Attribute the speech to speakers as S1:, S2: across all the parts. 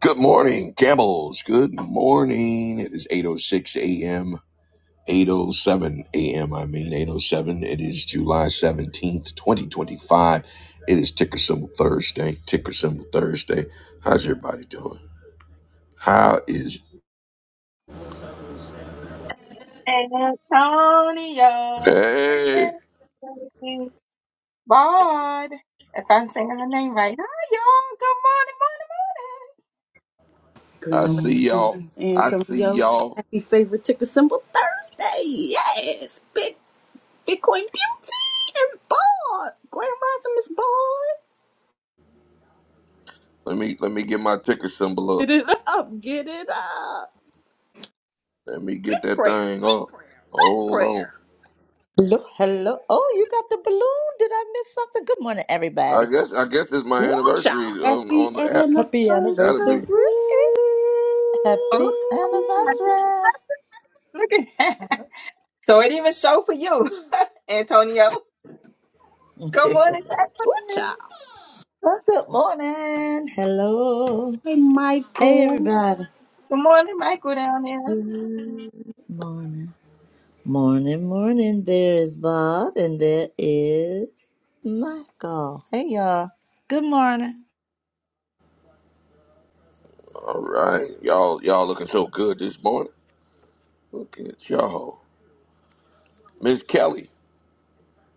S1: Good morning, Campbells. Good morning. It is 8.06 a.m. 8.07 a.m. I mean 8.07. It is July 17th, 2025. It is Ticker Symbol Thursday. Ticker Symbol Thursday. How's everybody doing? How is...
S2: Antonio.
S1: Hey,
S2: Bard. If I'm saying her name right. Hi, y'all.
S1: I
S3: Grand
S1: see
S3: Rising.
S1: y'all. I see
S3: Antonio,
S1: y'all.
S3: happy favorite ticker symbol Thursday. Yes, big Bitcoin beauty and board. Grand Rising is bored.
S1: Let me let me get my ticker symbol up.
S3: Get it up, get it up.
S1: Let me get that
S3: Prayer,
S1: thing
S3: big
S1: up.
S3: prayer, big
S1: Hold on.
S3: prayer.
S4: Hello, hello. Oh, you got the balloon. Did I miss something? Good morning,
S1: I
S4: everybody.
S1: guess I guess it's my
S3: Woo,
S1: anniversary
S3: y'all.
S1: on,
S3: Happy
S1: on the app.
S3: anniversary.
S4: Happy
S1: Gotta
S4: anniversary.
S1: be.
S2: Good morning,
S4: Happy
S2: morning. Oh,
S4: anniversary.
S2: Look at that. So it even show for you, Antonio. Good morning, Jacqueline.
S3: Woo, y'all.
S4: Oh, good morning. Hello.
S3: Hey,
S4: Hey,
S3: Michael.
S4: everybody.
S2: Good morning, Michael down there.
S4: Morning. Morning, morning. There is Bob and there is Michael. Hey, y'all. Good morning.
S1: All right, y'all, y'all looking so good this morning. Look at y'all, Miss Kelly.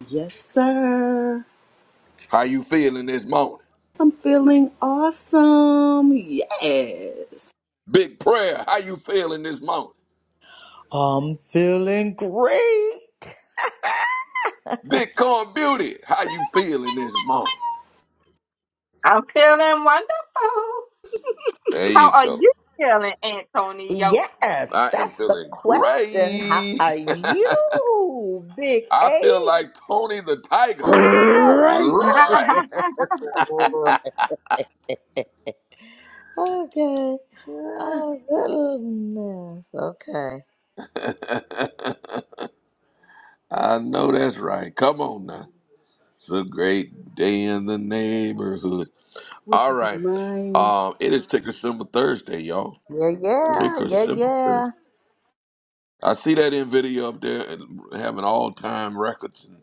S3: Yes, sir.
S1: How you feeling this morning?
S3: I'm feeling awesome. Yes.
S1: Big prayer. How you feeling this morning?
S4: I'm feeling great.
S1: Bitcoin Beauty. How you feeling this morning?
S2: I'm feeling wonderful.
S1: There you
S2: How are
S1: go.
S2: you feeling, Antonio?
S4: Yes,
S1: I am
S4: that's the
S1: feeling
S4: question. How
S1: great.
S4: are you, Big
S1: I
S4: A?
S1: feel like Tony the Tiger.
S4: Ow!
S3: Great
S1: Great.
S4: okay. Oh goodness. Okay.
S1: I know that's right. Come on now. It's a great day in the neighborhood.
S3: would
S1: All
S3: you be
S1: right.
S3: mine?
S1: Um, it is Ticker Symbol Thursday, y'all.
S4: Yeah, yeah,
S1: Ticker
S4: yeah,
S1: Symbol Thursday.
S4: yeah.
S1: I see that in video up there and having all time records and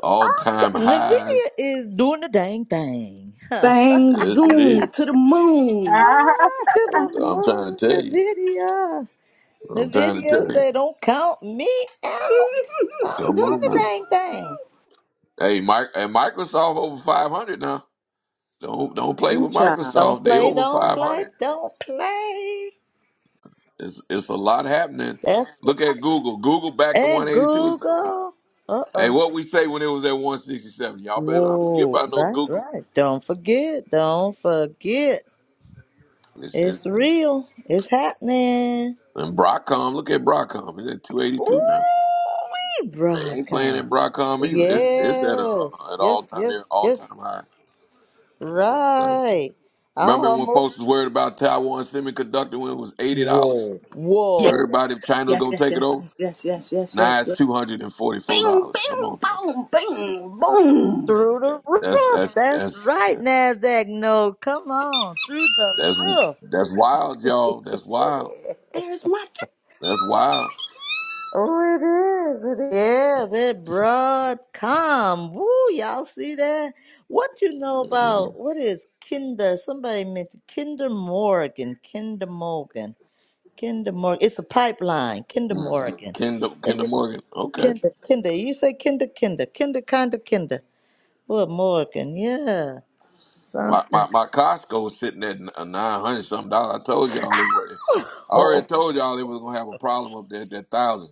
S1: all time highs.
S4: Nvidia is doing the dang thing. Huh.
S3: Bang,
S1: Yes, it
S3: zoom,
S1: is.
S3: to the moon.
S4: Ah, to
S1: I'm,
S4: the
S1: I'm trying
S4: moon,
S1: to tell you.
S4: Nvidia.
S1: I'm trying to
S4: Nvidia
S1: tell you.
S4: say, "Don't count me out. I'm
S1: Come
S4: doing
S1: on
S4: the
S1: now.
S4: dang thing."
S1: Hey, Mike. Hey, Microsoft over 500 now. Don't don't play
S3: Ooh,
S1: with
S3: child.
S4: Don't
S1: Microsoft. They
S4: play,
S1: over
S4: don't play,
S1: 500.
S4: don't play.
S1: It's it's a lot happening.
S4: That's
S1: Look at Google. Google back to
S4: and
S1: 182.
S4: Google. Uh
S1: Hey,
S4: oh.
S1: what we say when it was at 167? Y'all better not forget
S4: Whoa.
S1: about no
S4: Right,
S1: Google.
S4: right. Don't forget. Don't forget.
S1: It's,
S4: It's
S1: it's,
S4: real. It's happening.
S1: and Broadcom, look at Broadcom. It's at 282 now.
S4: Ooh, we
S1: They ain't playing at
S4: Braca.
S1: Broadcom either. It's, it's at a, uh,
S4: Yes.
S1: at all
S4: Yes,
S1: time near
S4: yes,
S1: all
S4: yes.
S1: time high. It's insane.
S4: Right. I
S1: Remember when
S4: almost
S1: folks was worried about Taiwan semiconductor when it was eighty dollars?
S4: Whoa.
S1: Where
S3: Yes,
S4: Whoa.
S1: everybody if China was
S3: yes,
S1: gonna
S3: yes,
S1: take it
S3: yes,
S1: over?
S3: yes, yes, yes, yes, yes,
S1: Now it's
S3: yes.
S1: two hundred and forty four
S3: Bing,
S1: dollars. Come
S3: bing,
S1: on now.
S3: boom, bing, boom.
S4: Through the
S1: That's
S4: roof.
S1: that's
S4: That's
S1: that's
S4: right, NASDAQ. No, come on. Through the
S1: that's
S4: roof.
S1: that's wild, y'all. That's wild.
S3: There's my
S1: That's wild.
S4: Oh, it is. It is. It broadcom. Woo, y'all see that? What you know
S1: Mm-hmm.
S4: about what is Kinder? Somebody mentioned Kinder Morgan. Kinder Morgan. Kinder Morgan. It's a pipeline. Kinder Morgan.
S1: Kendall
S4: And
S1: Kendall
S4: the
S1: Morgan. Okay.
S4: Kinder, Kinder. You say Kinder, Kinder, Kinder, Kinder, Kinder. Well, Morgan. Yeah.
S1: My, my,
S4: Something.
S1: my Costco was sitting at nine hundred something dollars. I told y'all it was. I already
S4: Oh.
S1: told y'all it was gonna have a problem up there at that thousand.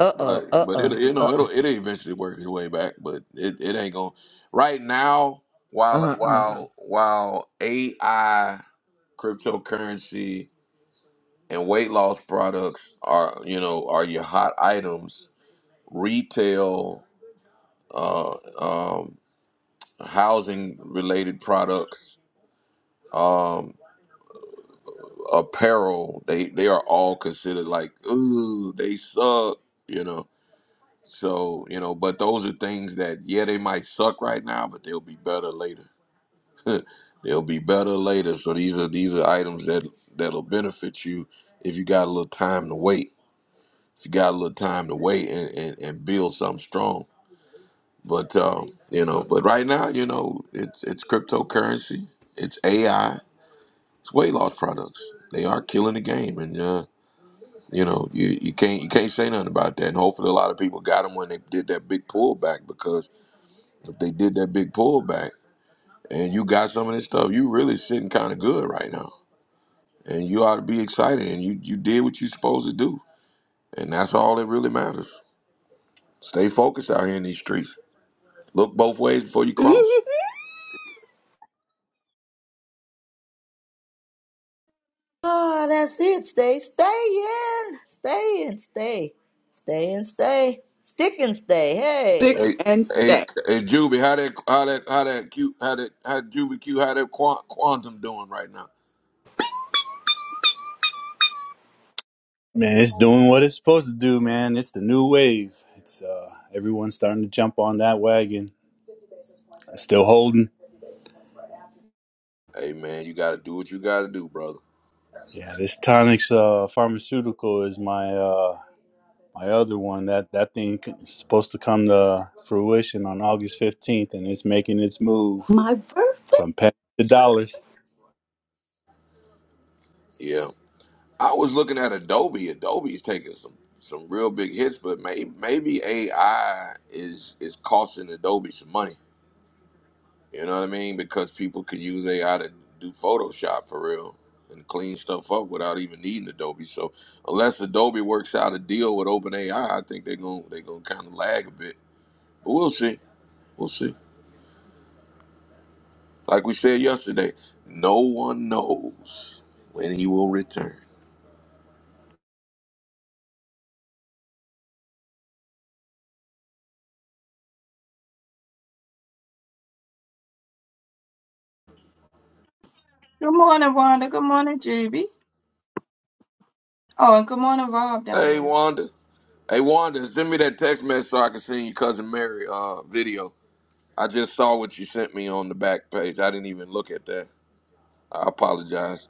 S4: Uh
S1: But
S4: oh. Uh
S1: but it
S4: oh.
S1: you know it'll it eventually work its way back. But it, it ain't gonna right now. While
S4: Uh uh.
S1: while while AI, cryptocurrency, and weight loss products are you know are your hot items, retail, uh, um, housing related products. um, apparel, they they are all considered like, ooh, they suck, you know. So, you know, but those are things that yeah, they might suck right now, but they'll be better later. they'll be better later. So these are these are items that that'll benefit you if you got a little time to wait. If you got a little time to wait and, and, and build something strong. But um, you know, but right now, you know, it's it's cryptocurrency, it's AI, it's weight loss products. They are killing the game and uh You know, you, you can't you can't say nothing about that. And hopefully, a lot of people got them when they did that big pullback because if they did that big pullback and you got some of this stuff, you really sitting kind of good right now, and you ought to be excited. And you you did what you supposed to do, and that's all that really matters. Stay focused out here in these streets. Look both ways before you
S3: chick.
S1: cross.
S4: Ah, that's it. Stay, stay in, stay and stay, stay and stay, stick and stay. Hey,
S3: Thick
S1: Hey,
S3: and
S1: hey,
S3: stack.
S1: hey, Juby, how that how that how that cute how that how Juby Q how that Quan- quantum doing right now?
S5: Man, it's doing what it's supposed to do, man. It's the new wave. It's uh everyone's starting to jump on that wagon. Still holding.
S1: Hey man, you got to do what you got to do, brother.
S5: Yeah, this tonics uh pharmaceutical is my uh my other one. That that thing c- is supposed to come to fruition on August 15th and it's making its move
S3: My birthday.
S5: from pennies to dollars.
S1: Yeah. I was looking at Adobe. Adobe's taking some some real big hits, but maybe maybe AI is is costing Adobe some money. You know what I mean? Because people could use AI to do Photoshop for real and clean stuff up without even needing Adobe. So unless Adobe works out a deal with OpenAI, I think they're gonna they're gonna kind of lag a bit. But we'll see. We'll see. Like we said yesterday, no one knows when he will return.
S2: Good morning, Wanda. Good morning, Juby. Oh, and good morning, Rob down
S1: Hey,
S2: there.
S1: Wanda. Hey Wanda, send me that text message so I can send you cousin Mary uh video. I just saw what you sent me on the back page. I didn't even look at that. I apologize.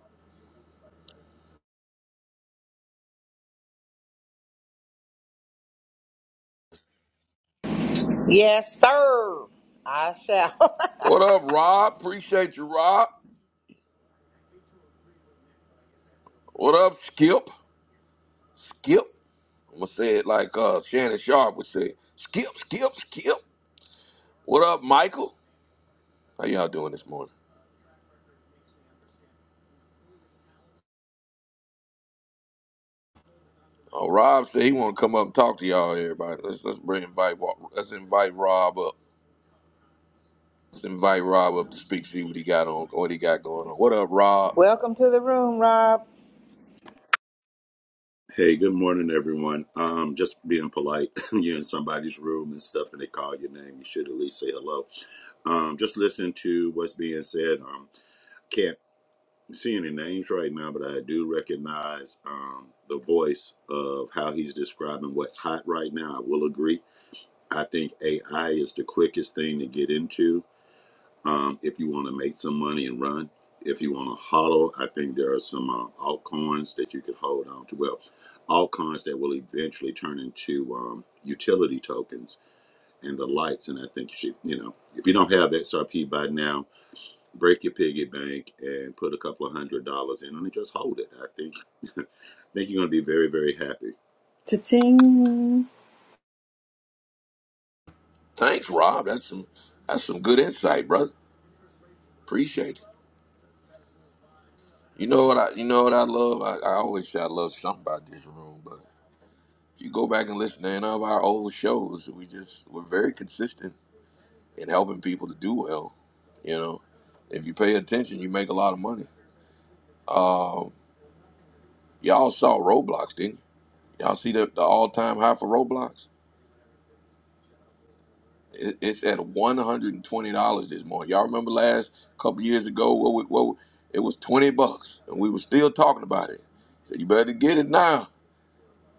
S6: Yes, sir. I shall.
S1: What up, Rob? Appreciate you, Rob. What up, Skip? Skip. I'm gonna say it like uh Shannon Sharp would say. Skip, skip, skip. What up, Michael? How y'all doing this morning? Oh, Rob said he wanna come up and talk to y'all, everybody. Let's let's bring invite Wa- let's invite Rob up. Let's invite Rob up to speak, see what he got on what he got going on. What up, Rob?
S6: Welcome to the room, Rob.
S7: Hey, good morning, everyone. Um, just being polite. You're in somebody's room and stuff, and they call your name. You should at least say hello. Um, just listening to what's being said. Um, can't see any names right now, but I do recognize um, the voice of how he's describing what's hot right now. I will agree. I think AI is the quickest thing to get into um, if you want to make some money and run. If you want to hodl, I think there are some uh, altcoins that you could hold on to. Well, altcoins that will eventually turn into um, utility tokens and the lights. And I think you should, you know, if you don't have XRP by now, break your piggy bank and put a couple of hundred dollars in and just hold it. I think I think you're going to be very, very happy.
S3: Cha-ching.
S1: Thanks, Rob. That's some that's some good insight, brother. Appreciate it. You know what I you know what I love? I, I always say I love something about this room, but if you go back and listen to any of our old shows, we just we're very consistent in helping people to do well. You know. If you pay attention, you make a lot of money. Um, y'all saw Roblox, didn't you? Y'all see the, the all time high for Roblox? It- It's at one hundred and twenty dollars this morning. Y'all remember last couple years ago? What, we, what we- it was twenty bucks, and we were still talking about it. So you better get it now.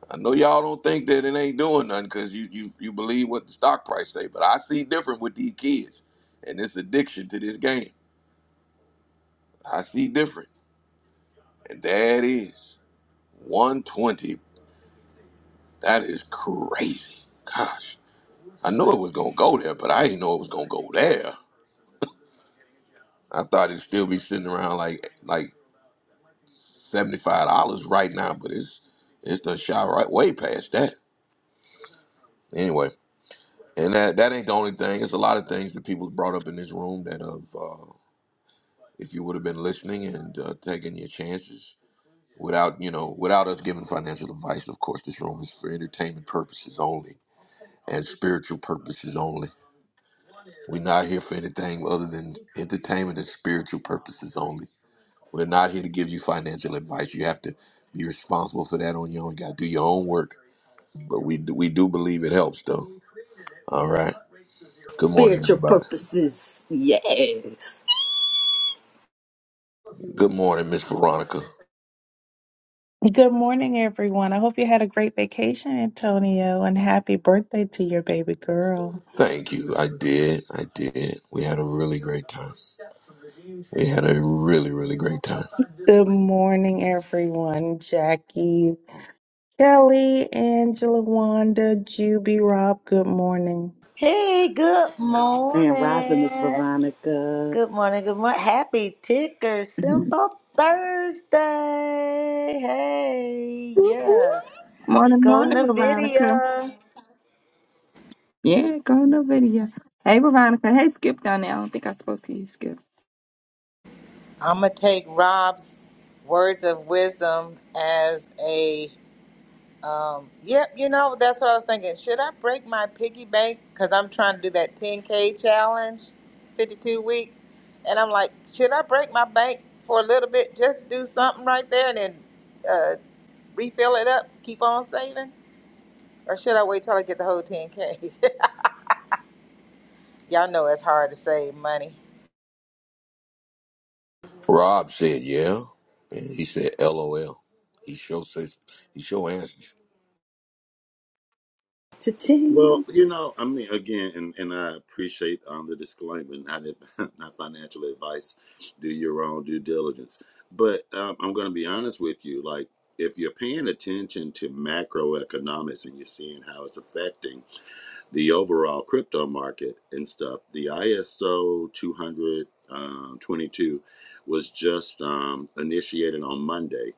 S1: I know y'all don't think that it ain't doing nothing because you, you you believe what the stock price say, but I see different with these kids and this addiction to this game. I see different, and that is one twenty. That is crazy. Gosh, I knew it was gonna go there, but I didn't know it was gonna go there. I thought it'd still be sitting around like like seventy five dollars right now, but it's it's done shot right way past that. Anyway, and that that ain't the only thing. It's a lot of things that people brought up in this room that have, uh, if you would have been listening and uh, taking your chances without you know without us giving financial advice. Of course, this room is for entertainment purposes only and spiritual purposes only. We're not here for anything other than entertainment and spiritual purposes only. We're not here to give you financial advice. You have to be responsible for that on your own. You got to do your own work but we we do believe it helps though. All right. Good morning,
S3: Spiritual
S1: everybody.
S3: purposes. Yes.
S1: Good morning, Miss Veronica.
S8: Good morning, everyone. I hope you had a great vacation, Antonio, and happy birthday to your baby girl.
S1: Thank you. I did. I did. We had a really great time. We had a really really great time.
S8: Good morning, everyone. Jackie, Kelly, Angela, Wanda, Juby, Rob, good morning.
S4: hey, good
S3: And rising, Miss
S4: morning.
S3: Veronica.
S4: Good morning. Good morning. Happy ticker symbol Thursday. Hey, yes.
S2: Morning,
S4: Go
S2: morning, Veronica.
S4: Nvidia.
S2: Yeah, go in the video. Hey, Veronica. Hey, Skip down there. I don't think I spoke to you, Skip.
S6: I'm gonna take Rob's words of wisdom as a. Um, yep, you know that's what I was thinking. Should I break my piggy bank because I'm trying to do that 10k challenge, 52 week, and I'm like, should I break my bank for a little bit, just do something right there, and then uh, refill it up, keep on saving, or should I wait till I get the whole 10k? Y'all know it's hard to save money.
S1: Rob said yeah, and he said LOL. He sure says he sure answers.
S3: Cha-ching.
S7: Well, you know, I mean, again, and, and I appreciate um, the disclaimer, not ad- not financial advice. Do your own due diligence, but um, I'm going to be honest with you. Like, if you're paying attention to macroeconomics and you're seeing how it's affecting the overall crypto market and stuff, the ISO 222 was just um, initiated on Monday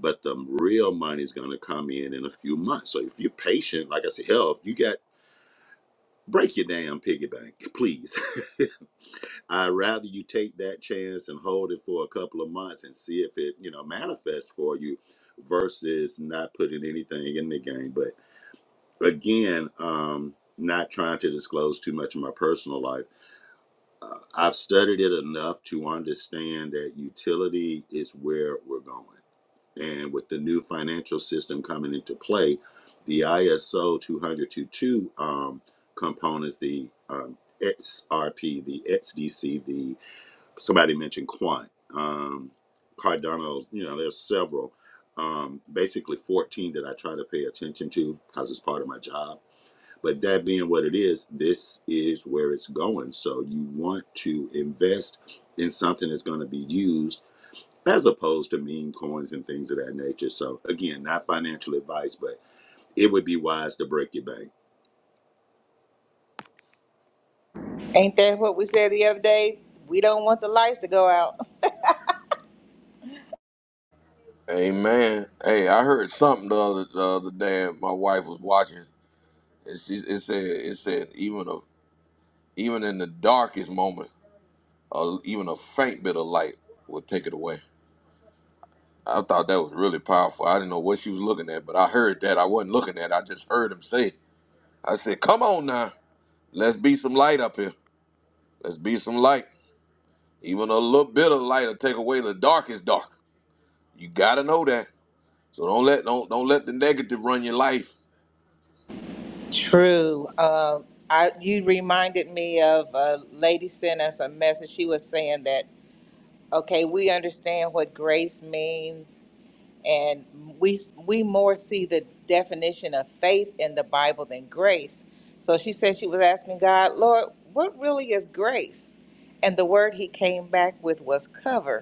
S7: but the real money's going to come in in a few months. So if you're patient, like I said, hell, if you got break your damn piggy bank, please. I'd rather you take that chance and hold it for a couple of months and see if it, you know, manifests for you versus not putting anything in the game. But again, um, not trying to disclose too much of my personal life. Uh, I've studied it enough to understand that utility is where we're going. And with the new financial system coming into play, the ISO 20022 um, components, the um, XRP, the XDC, the somebody mentioned Quant, um, Cardano, you know, there's several. Um, basically, 14 that I try to pay attention to because it's part of my job. But that being what it is, this is where it's going. So you want to invest in something that's going to be used as opposed to meme coins and things of that nature. So again, not financial advice, but it would be wise to break your bank.
S6: Ain't that what we said the other day? We don't want the lights to go out.
S1: Amen. Hey, I heard something the other the other day. My wife was watching, and she it said it said even a even in the darkest moment, uh, even a faint bit of light will take it away. I thought that was really powerful. I didn't know what she was looking at, but I heard that. I wasn't looking at. it. I just heard him say. it. I said, "Come on now, let's be some light up here. Let's be some light. Even a little bit of light will take away the darkest dark. You gotta know that. So don't let don't don't let the negative run your life.
S6: True. Um, I, you reminded me of a lady sent us a message. She was saying that, okay, we understand what grace means, and we, we more see the definition of faith in the Bible than grace. So she said she was asking God, Lord, what really is grace? And the word he came back with was cover.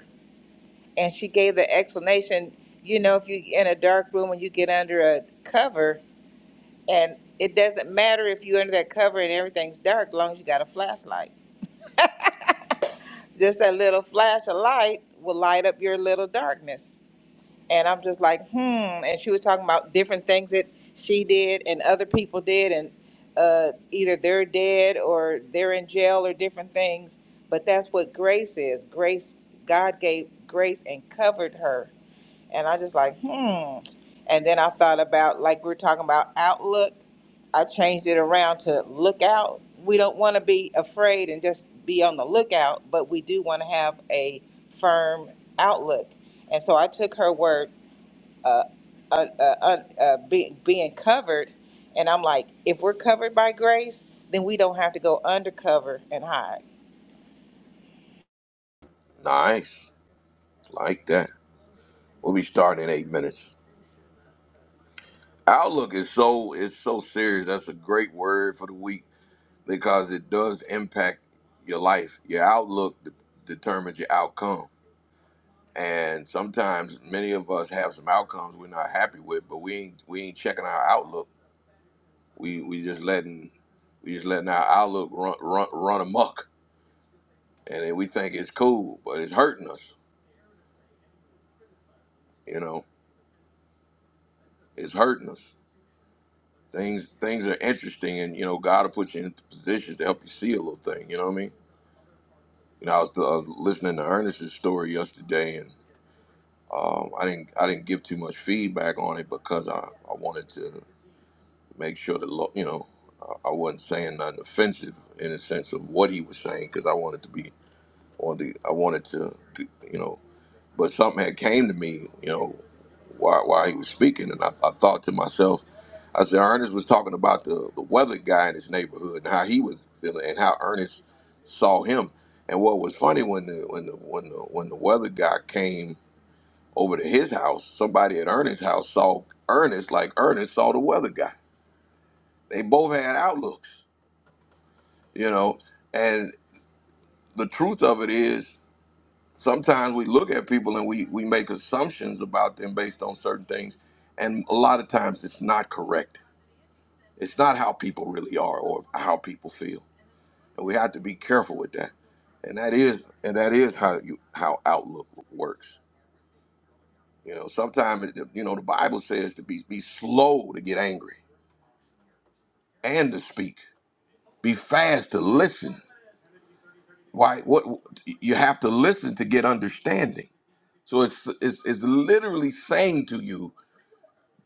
S6: and she gave the explanation you know if you're in a dark room and you get under a cover and it doesn't matter if you're under that cover and everything's dark as long as you got a flashlight just that little flash of light will light up your little darkness and i'm just like hmm and she was talking about different things that she did and other people did and uh, either they're dead or they're in jail or different things but that's what grace is grace god gave grace and covered her And I just like, hmm. And then I thought about like we're talking about outlook. I changed it around to look out. We don't want to be afraid and just be on the lookout, but we do want to have a firm outlook. And so I took her word, uh, uh, uh, uh, uh, be, being covered, and I'm like, if we're covered by grace, then we don't have to go undercover and hide.
S1: Nice, like that. We'll be starting in eight minutes. Outlook is so is so serious. That's a great word for the week because it does impact your life. Your outlook de- determines your outcome And sometimes many of us have some outcomes we're not happy with, but we ain't we ain't checking our outlook. We we just letting we just letting our outlook run run run amok, and then we think it's cool, but it's hurting us. You know, it's hurting us. Things things are interesting, and you know God will put you in positions to help you see a little thing. You know what I mean? You know, I was, I was listening to Ernest's story yesterday, and um, I didn't I didn't give too much feedback on it because I, I wanted to. make sure the law, you know, I I wasn't saying nothing offensive in the sense of what he was saying because I wanted to be on the, I wanted to, you know, but something had came to me, you know, while, while he was speaking, and I, I thought to myself, I said, Ernest was talking about the the weather guy in his neighborhood and how he was feeling and how Ernest saw him, and what was funny when the when the when the when the weather guy came over to his house, somebody at Ernest's house saw Ernest like Ernest saw the weather guy they both had outlooks, you know. And the truth of it is, sometimes we look at people and we we make assumptions about them based on certain things, and a lot of times it's not correct. It's not how people really are or how people feel, and we have to be careful with that. And that is and that is how you how outlook works. You know, sometimes it, you know the Bible says to be be slow to get angry and to speak, be fast to listen why what you have to listen to get understanding so it's, it's it's literally saying to you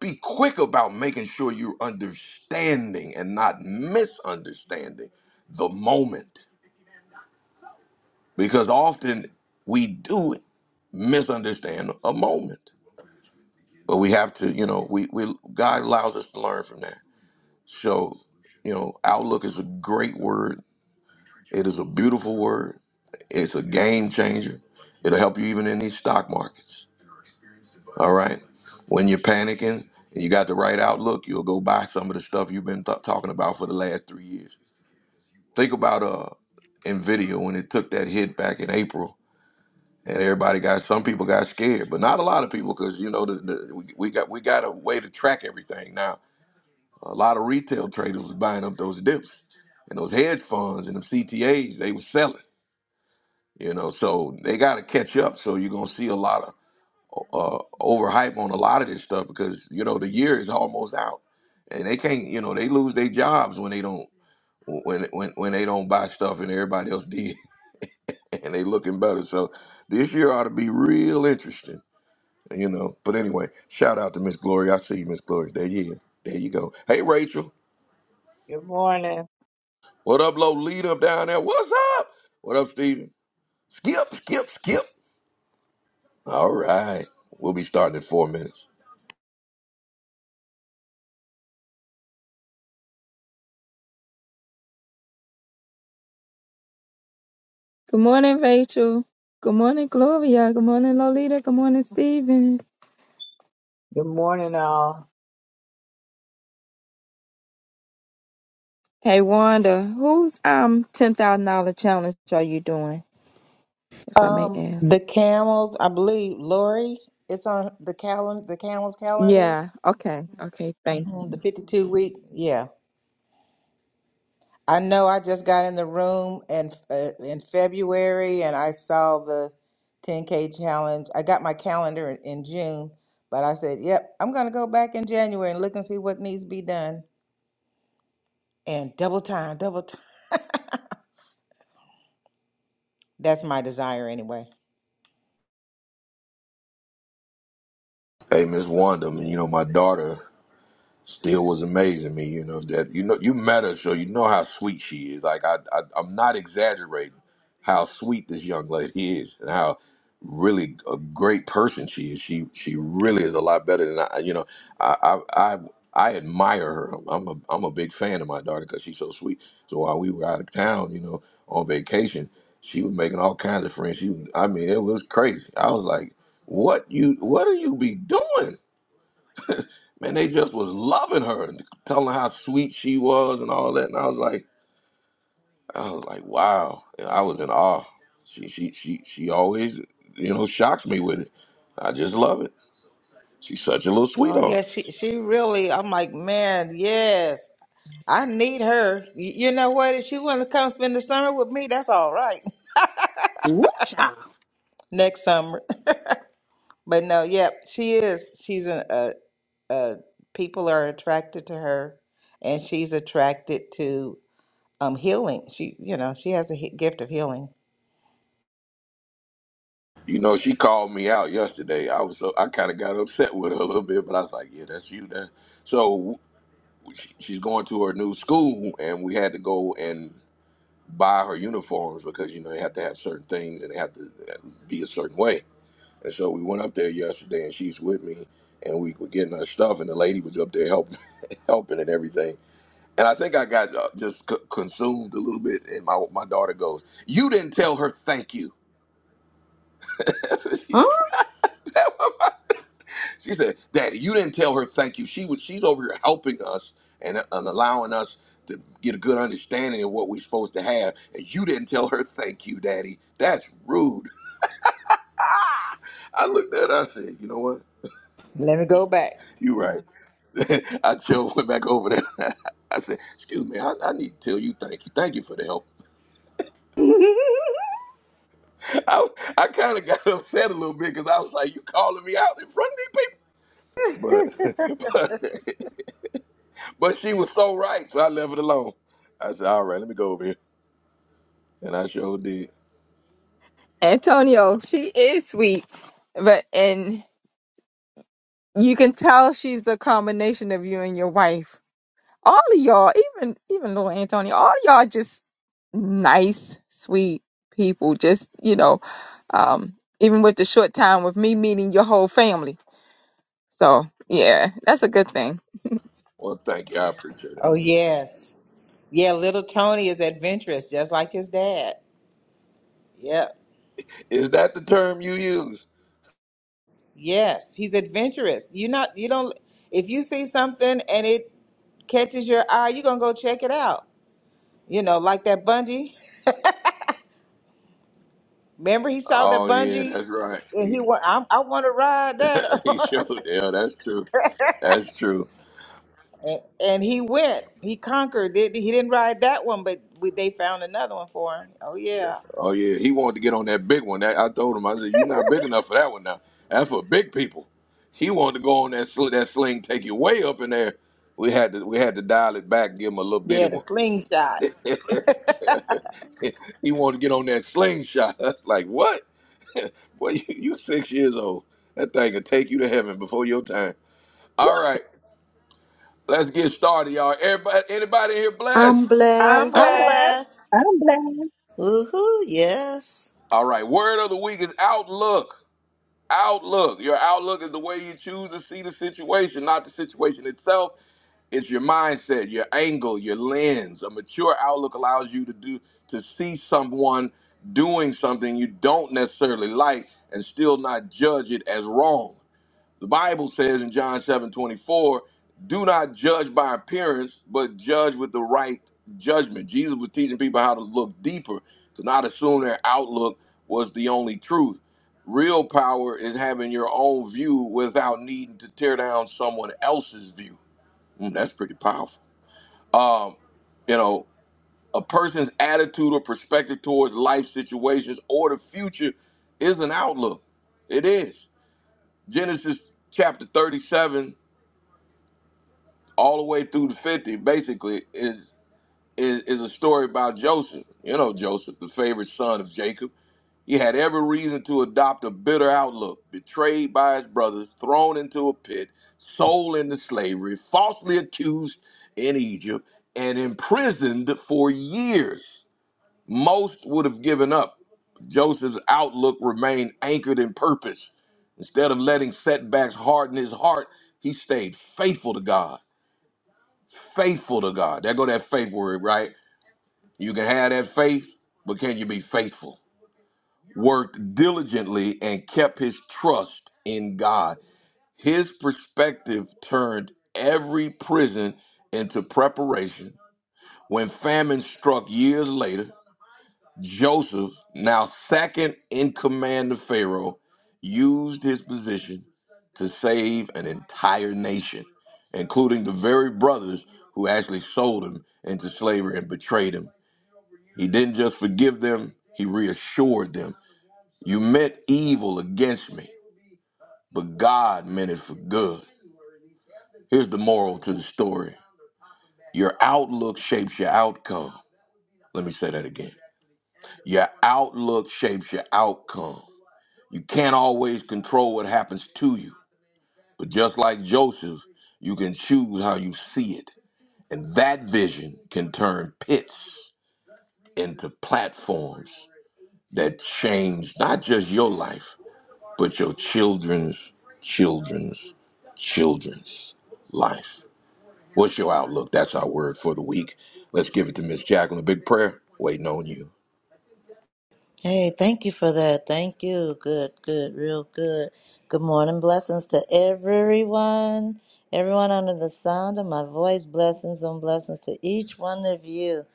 S1: be quick about making sure you're understanding and not misunderstanding the moment because often we do misunderstand a moment but we have to you know we, we god allows us to learn from that so you know outlook is a great word it is a beautiful word it's a game changer it'll help you even in these stock markets All right. When you're panicking and you got the right outlook, you'll go buy some of the stuff you've been th- talking about for the last three years. Think about uh Nvidia when it took that hit back in April, and everybody got some people got scared, but not a lot of people because you know the, the, we, we got we got a way to track everything now. A lot of retail traders was buying up those dips, and those hedge funds and them CTAs they were selling. You know, so they got to catch up. So you're gonna see a lot of uh, overhype on a lot of this stuff because you know the year is almost out, and they can't. You know they lose their jobs when they don't when when when they don't buy stuff and everybody else did, and they looking better. So this year ought to be real interesting. You know, but anyway, shout out to Miss Glory. I see you, Miss Glory. There you, there you go. Hey, Rachel,
S9: Good morning.
S1: what up, low lead up down there? What's up? What up, Steven? Skip, skip, skip. All right, we'll be starting in four minutes.
S2: Good morning, Rachel. Good morning, Gloria. Good morning, Lolita. Good morning, Steven.
S9: Good morning, all.
S2: Hey, Wanda. Whose um ten thousand dollar challenge are you doing, if I may
S6: Um,
S2: ask?
S6: the camels, I believe, Lori, it's on the calendar, the camels calendar.
S2: Yeah. Okay. Okay. Thanks,
S6: Mhm, The 52 week, yeah. I know I just got in the room and uh, in February and I saw the 10K challenge. I got my calendar in, in June, but I said, yep, I'm going to go back in January and look and see what needs to be done. And double time, double time. That's my desire anyway.
S1: Hey, Miss Wanda, I mean, you know my daughter. still was amazing me. You know that you know you met her, so you know how sweet she is. Like I, I I'm not exaggerating how sweet this young lady is, and how really a great person she is. She she really is a lot better than I. You know, I I. I I admire her. I'm a I'm a big fan of my daughter because she's so sweet. So while we were out of town, you know, on vacation, she was making all kinds of friends. She was, I mean, it was crazy. I was like, "What you? What do you be doing?" Man, they just was loving her and telling her how sweet she was and all that. And I was like, I was like, wow. And I was in awe. She she she she always, you know, shocks me with it. I just love it. She's such a little
S6: Oh,
S1: sweetheart.
S6: yeah, she, she really, I'm like, man, yes, I need her. Y- You know what? If she want to come spend the summer with me, that's all right.
S3: Ooh, child.
S6: Next summer. But no, yep, she is. She's an, uh, people are attracted to her, and she's attracted to um, healing. She, you know, she has a he- gift of healing.
S1: You know, she called me out yesterday. I was so I kind of got upset with her a little bit, but I was like, yeah, that's you. That so she- she's going to her new school, and we had to go and buy her uniforms because you know they have to have certain things and they have to be a certain way. And so we went up there yesterday, and she's with me, and we were getting her stuff, and the lady was up there helping, helping and everything. And I think I got uh, just c- consumed a little bit, and my my daughter goes, "You didn't tell her thank you." That's what she
S3: Huh?
S1: she said, "Daddy, you didn't tell her thank you. She was she's over here helping us and, and allowing us." To get a good understanding of what we're supposed to have, and you didn't tell her thank you, Daddy. That's rude. I looked at her, I said, you know what?
S6: Let me go back.
S1: You are right. I just went back over there. I said, "Excuse me, I, I need to tell you thank you, thank you for the help." I I kind of got upset a little bit because I was like, "You calling me out in front of these people?" But but but she was so right, so I left it alone. I said, "All right, let me go over here," and I sure did.
S2: Antonio. She is sweet, but and you can tell she's the combination of you and your wife. All of y'all, even even little Antonio, all of y'all just nice, sweet people. Just you know, um, even with the short time with me meeting your whole family. So yeah, that's a good thing.
S1: Well, thank you, I appreciate it.
S6: Oh, yes. Yeah, little Tony is adventurous, just like his dad. Yep.
S1: Is that the term you use?
S6: Yes, he's adventurous. You not you don't if you see something and it catches your eye, you're gonna go check it out. You know, like that bungee. Remember he saw that
S1: Oh yeah,
S6: bungee
S1: that's right.
S6: and he
S1: He,
S6: went, I, I want to ride
S1: he
S6: that.
S1: showed. Yeah, that's true. That's true.
S6: And, and he went. He conquered. Did he didn't ride that one, but we, they found another one for him. Oh yeah.
S1: Oh yeah, he wanted to get on that big one. That I told him, I said, "You're not big enough for that one now. That's for big people." He wanted to go on that sl- that sling, take you way up in there. We had to we had to dial it back, give him a little bitty
S6: Yeah, the
S1: one.
S6: slingshot.
S1: he wanted to get on that slingshot. That's like what? Well, you, you six years old. That thing could take you to heaven before your time. All right, let's get started, y'all. Everybody, anybody here blessed?
S3: I'm
S8: I'm
S6: I'm
S3: blessed.
S4: I'm
S8: blessed.
S6: blessed.
S4: blessed.
S2: I'm glad.
S4: Woohoo! Yes.
S1: All right, word of the week is outlook. Outlook. Your outlook is the way you choose to see the situation, not the situation itself. It's your mindset, your angle, your lens. A mature outlook allows you to do to see someone doing something you don't necessarily like and still not judge it as wrong. The Bible says in John 7 24, do not judge by appearance, but judge with the right judgment. Jesus was teaching people how to look deeper, to not assume their outlook was the only truth. Real power is having your own view without needing to tear down someone else's view Mm, that's pretty powerful. Um, you know, a person's attitude or perspective towards life situations or the future is an outlook. It is. Genesis chapter 37, all the way through to 50, basically, is is, is a story about Joseph. You know, Joseph, the favorite son of Jacob He had every reason to adopt a bitter outlook, betrayed by his brothers, thrown into a pit, sold into slavery, falsely accused in Egypt, and imprisoned for years. Most would have given up. Joseph's outlook remained anchored in purpose. Instead of letting setbacks harden his heart, he stayed faithful to God. Faithful to God. There go that faith word, right? You can have that faith, but can you be faithful? worked diligently and kept his trust in God. His perspective turned every prison into preparation. When famine struck years later, Joseph, now second in command of Pharaoh, used his position to save an entire nation, including the very brothers who actually sold him into slavery and betrayed him. He didn't just forgive them, he reassured them you meant evil against me, but God meant it for good. Here's the moral to the story your outlook shapes your outcome. Let me say that again. Your outlook shapes your outcome. You can't always control what happens to you, but just like Joseph, you can choose how you see it. And that vision can turn pits into platforms that change not just your life, but your children's children's children's life. What's your outlook? That's our word for the week. Let's give it to Miss Jacqueline. A big prayer waiting on you.
S4: Hey, thank you for that. Thank you. Good, good, real good. Good morning. Blessings to everyone. Everyone under the sound of my voice. Blessings and blessings to each one of you.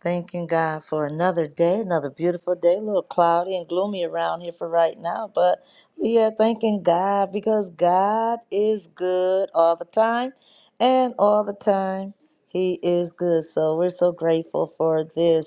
S4: Thanking God for another day, another beautiful day. A little cloudy and gloomy around here for right now, but we are thanking God because God is good all the time, and all the time He is good. So we're so grateful for this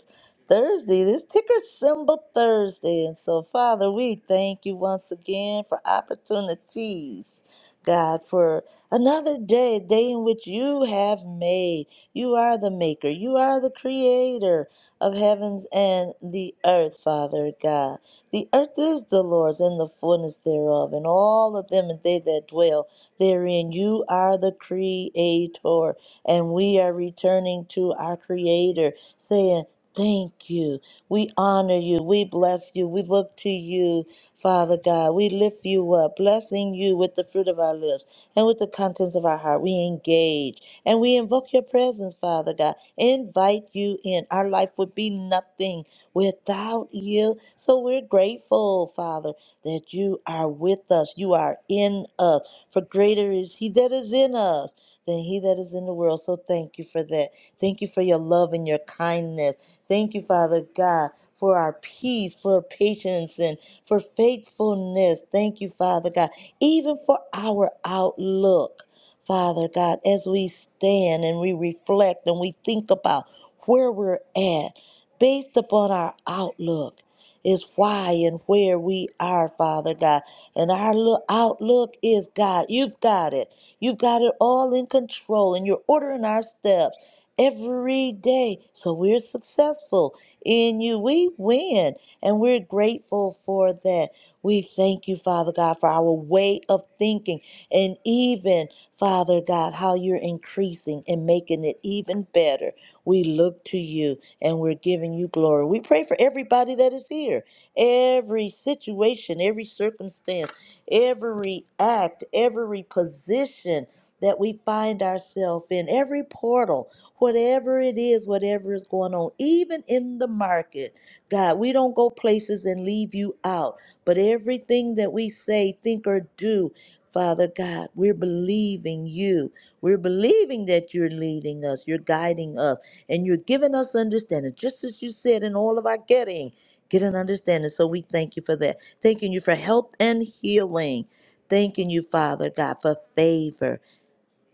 S4: Thursday, this ticker symbol Thursday. And so, Father, we thank you once again for opportunities, God, for another day, a day in which you have made. You are the maker. You are the creator of heavens and the earth, Father God. The earth is the Lord's and the fullness thereof, and all of them and they that dwell therein. You are the creator, and we are returning to our creator, saying, Thank you. We honor you. We bless you. We look to you, Father God. We lift you up, blessing you with the fruit of our lips and with the contents of our heart. We engage. And we invoke your presence, Father God. Invite you in. Our life would be nothing without you. So we're grateful, Father, that you are with us. You are in us. For greater is He that is in us than He that is in the world. So thank you for that. Thank you for your love and your kindness. Thank you, Father God. For our peace, for patience, and for faithfulness. Thank you, Father God. Even for our outlook. Father God, as we stand and we reflect and we think about where we're at based upon our outlook is why and where we are, Father God. And our look, outlook is God. You've got it. You've got it all in control and you're ordering our steps every day. So we're successful in you. We win and we're grateful for that. We thank you, Father God, for our way of thinking and even Father God, how you're increasing and making it even better. We look to you and we're giving you glory. We pray for everybody that is here, every situation, every circumstance, every act, every position that we find ourselves in, every portal, whatever it is, whatever is going on, even in the market. God, we don't go places and leave you out, but everything that we say, think, or do, Father God, we're believing you. We're believing that you're leading us, you're guiding us, and you're giving us understanding, just as you said in all of our getting, get an understanding. So we thank you for that. Thanking you for help and healing. Thanking you, Father God, for favor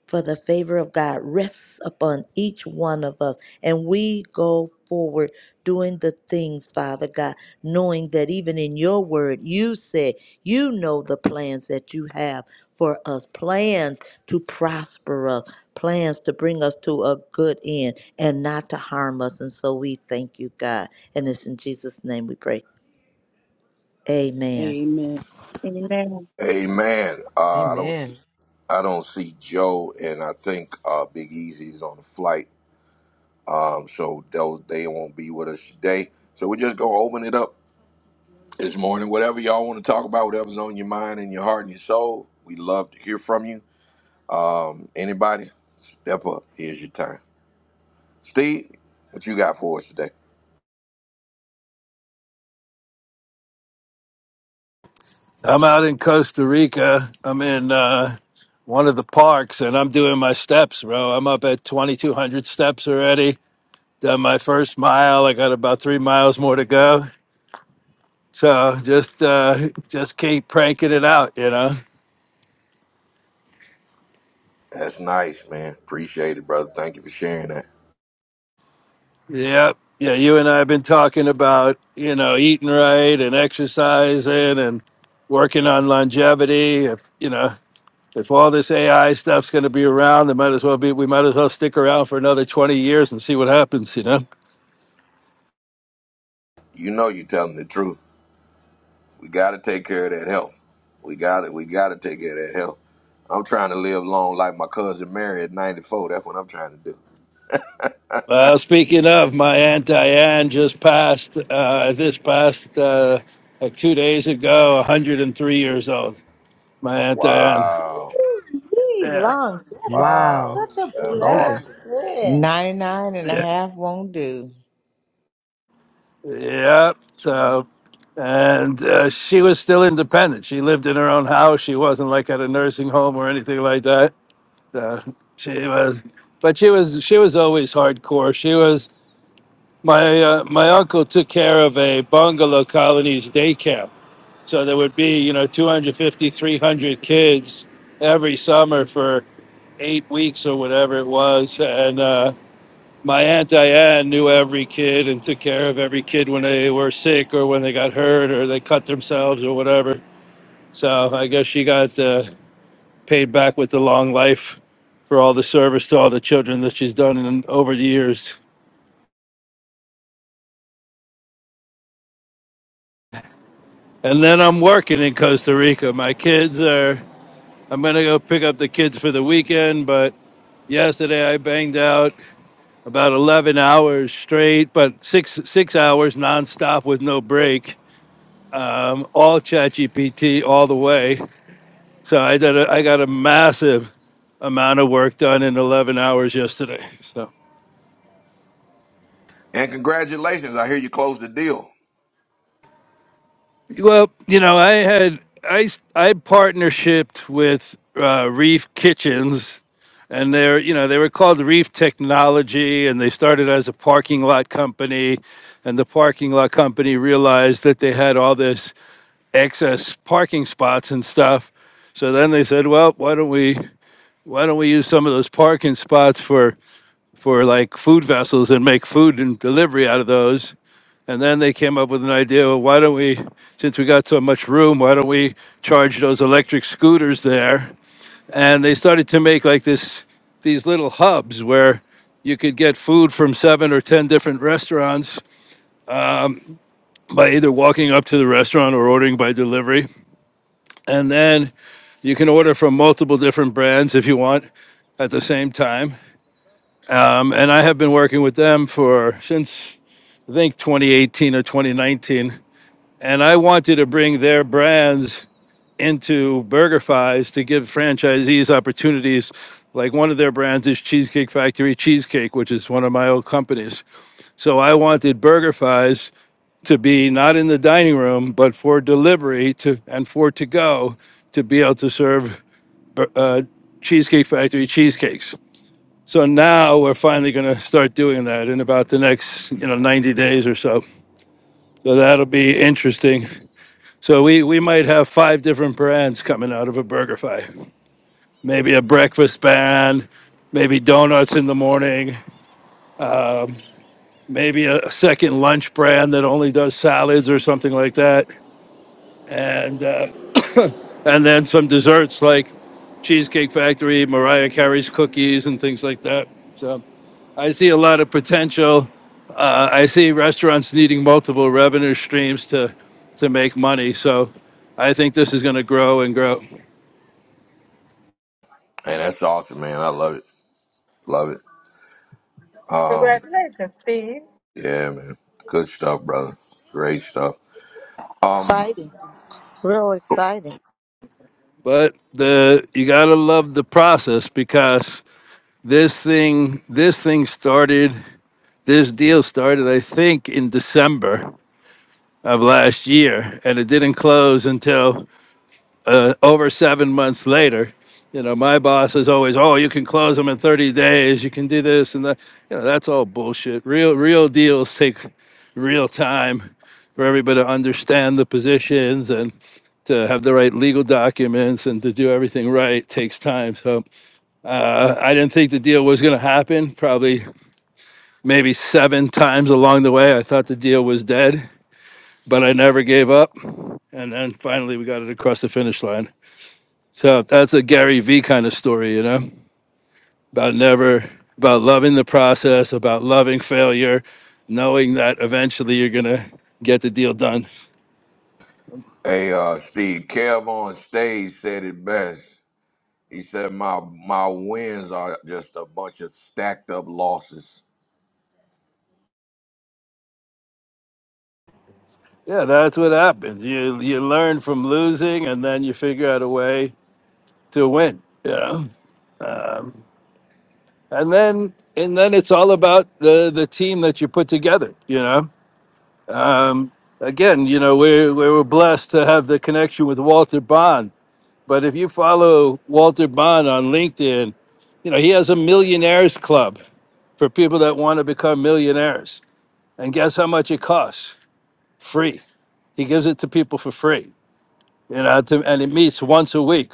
S4: for the favor of God rests upon each one of us. And we go forward doing the things, Father God, knowing that even in your word, you said, you know the plans that you have for us plans to prosper us, plans to bring us to a good end and not to harm us. And so we thank you, God. And it's in Jesus' name we pray. Amen.
S3: Amen.
S2: Amen.
S1: Amen. Uh, I don't see,
S10: Amen.
S1: I don't see Joe, and I think uh, Big Easy's on the flight, um, so they'll, they won't be with us today. So we're just gonna open it up this morning. Whatever y'all want to talk about, whatever's on your mind and your heart and your soul, we love to hear from you. Anybody, step up. Here's your time. Steve, what you got for us today?
S11: I'm out in Costa Rica. I'm in uh, one of the parks and I'm doing my steps, bro. I'm up at 2,200 steps already. Done my first mile. I got about three miles more to go. So just uh, just keep pranking it out, you know?
S1: That's nice, man. Appreciate it, brother. Thank you for sharing that.
S11: Yep. Yeah, you and I have been talking about, you know, eating right and exercising and working on longevity. If, you know, if all this AI stuff's going to be around, it might as well be, we might as well stick around for another 20 years and see what happens, you know?
S1: You know you're telling the truth. We gotta take care of that health. We gotta we gotta take care of that health. I'm trying to live long like my cousin Mary at 94. That's what I'm trying to do.
S11: Well, speaking of, my Aunt Diane just passed uh, this past uh, like two days ago, 103 years old. My Aunt Diane.
S1: Wow.
S4: Ooh,
S11: Yeah,
S4: long longevity. That's
S10: Wow.
S1: Wow.
S4: such a
S1: That's
S10: Amazing.
S1: awesome.
S4: blessing.
S6: 99
S11: yeah,
S6: won't do.
S11: yeah. So, and uh, she was still independent. She lived in her own house. She wasn't like at a nursing home or anything like that. Uh, she was, but she was she was always hardcore. She was my uh, my uncle took care of a bungalow colonies day camp. So there would be, you know, 250, 300 kids every summer for eight weeks or whatever it was. And uh, my Aunt Diane knew every kid and took care of every kid when they were sick or when they got hurt or they cut themselves or whatever. So I guess she got uh, paid back with the long life for all the service to all the children that she's done in, over the years. And then I'm working in Costa Rica. My kids are, I'm going to go pick up the kids for the weekend, but. Yesterday, I banged out about 11 hours straight, but six six hours nonstop with no break. Um, all ChatGPT all the way. So I did. A, I got a massive amount of work done in 11 hours yesterday. So.
S1: And congratulations. I hear you closed the deal.
S11: Well, you know, I had I s- I partnershiped with uh, Reef Kitchens, and they're you know they were called Reef Technology, and they started as a parking lot company, and the parking lot company realized that they had all this excess parking spots and stuff, so then they said, well, why don't we why don't we use some of those parking spots for for like food vessels and make food and delivery out of those. And then they came up with an idea well, why don't we, since we got so much room, why don't we charge those electric scooters there? And they started to make like this, these little hubs where you could get food from seven or 10 different restaurants by either walking up to the restaurant or ordering by delivery. And then you can order from multiple different brands if you want at the same time. Um, and I have been working with them for since I think 2018 or 2019, and I wanted to bring their brands into BurgerFi's to give franchisees opportunities. Like one of their brands is Cheesecake Factory Cheesecake, which is one of my old companies. So I wanted BurgerFi's to be not in the dining room, but for delivery to and for to go to be able to serve uh, Cheesecake Factory cheesecakes. So now we're finally going to start doing that in about the next you know 90 days or so. So that'll be interesting. So we, we might have five different brands coming out of a BurgerFi. Maybe a breakfast brand, maybe donuts in the morning, maybe a second lunch brand that only does salads or something like that. And uh, and then some desserts like Cheesecake Factory, Mariah Carey's cookies, and things like that. So I see a lot of potential. Uh, I see restaurants needing multiple revenue streams to to make money. So I think this is going to grow and grow.
S1: Hey, that's awesome, man. I love it. Love it. Um,
S2: Congratulations, Steve.
S1: yeah, man. Good stuff, brother. Great stuff. Um.
S4: Exciting. Real exciting.
S11: But the you got to love the process because this thing this thing started this deal started I think in December of last year and it didn't close until uh, over seven months later, you know, my boss is always, oh, you can close them in 30 days. You can do this and that. You know, that's all bullshit. Real, real deals take real time for everybody to understand the positions and to have the right legal documents and to do everything right takes time. So uh, I didn't think the deal was going to happen. Probably maybe seven times along the way, I thought the deal was dead, but I never gave up. And then finally, we got it across the finish line. So that's a Gary V kind of story, you know, about never, about loving the process, about loving failure, knowing that eventually you're gonna get the deal done.
S1: Hey, uh, Steve, Kev on stage said it best. He said, "My my wins are just a bunch of stacked up losses."
S11: Yeah, that's what happens. You you learn from losing, and then you figure out a way to win. You know, and then and then it's all about the the team that you put together. You know, um, again, you know, we we were blessed to have the connection with Walter Bond But if you follow Walter Bond on LinkedIn, you know, he has a millionaires club for people that want to become millionaires. And guess how much it costs? Free. He gives it to people for free, you know, to, and it meets once a week.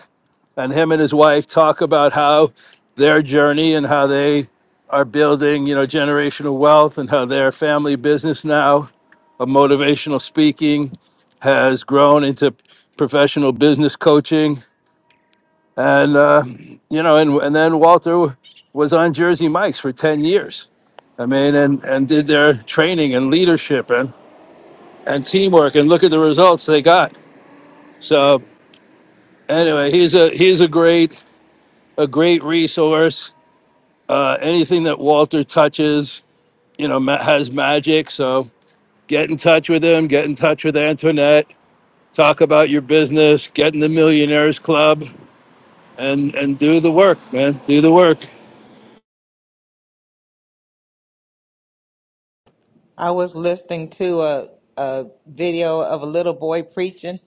S11: And him and his wife talk about how their journey and how they are building, you know, generational wealth and how their family business now of motivational speaking has grown into professional business coaching and uh, you know, and and then Walter was on Jersey Mike's for ten years. I mean, and and did their training and leadership and and teamwork, and look at the results they got. So anyway, he's a he's a great a great resource. Uh, anything that Walter touches, you know, ma- has magic. So get in touch with him. Get in touch with Antoinette. Talk about your business. Get in the Millionaires Club and and do the work, man. Do the work.
S6: I was listening to a a video of a little boy preaching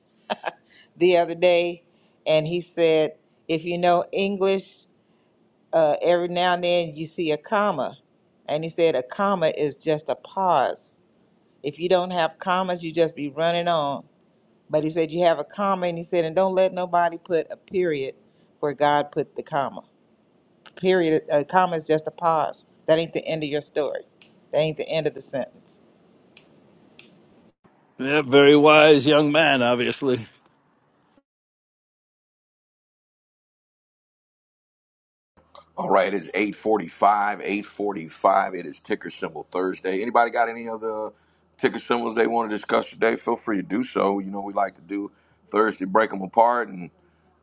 S6: the other day and he said, "If you know English, uh, every now and then you see a comma." And he said a comma is just a pause. If you don't have commas, you just be running on. But he said you have a comma, and he said, and don't let nobody put a period where God put the comma. Period. A comma is just a pause. That ain't the end of your story. That ain't the end of the sentence.
S11: Yeah, very wise young man, obviously.
S1: All right, it's eight forty five. Eight forty five. It is ticker symbol Thursday. Anybody got any other ticker symbols they want to discuss today? Feel free to do so. You know we like to do Thursday, break them apart and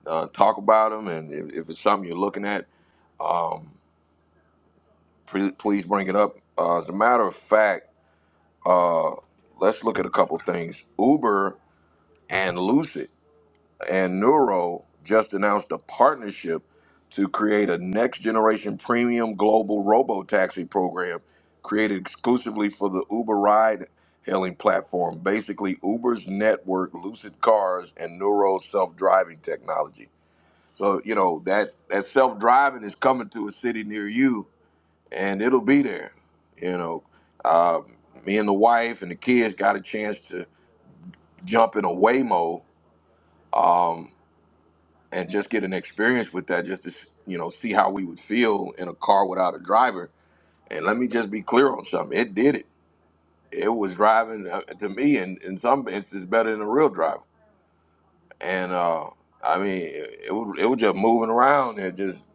S1: uh, talk about them. And if, if it's something you're looking at, pre- please bring it up. Uh, as a matter of fact, let's look at a couple things. Uber and Lucid. and Neuro just announced a partnership to create a next generation premium global robo taxi program created exclusively for the Uber ride hailing platform, basically Uber's network, Lucid Cars, and Neuro's self driving technology. So, you know, that, that self driving is coming to a city near you and it'll be there. You know, uh, me and the wife and the kids got a chance to jump in a Waymo um, and just get an experience with that, just to you know see how we would feel in a car without a driver. And let me just be clear on something: it did it. It was driving uh, to me, and in in some instances, better than a real driver. And uh, I mean, it, it was it was just moving around and just.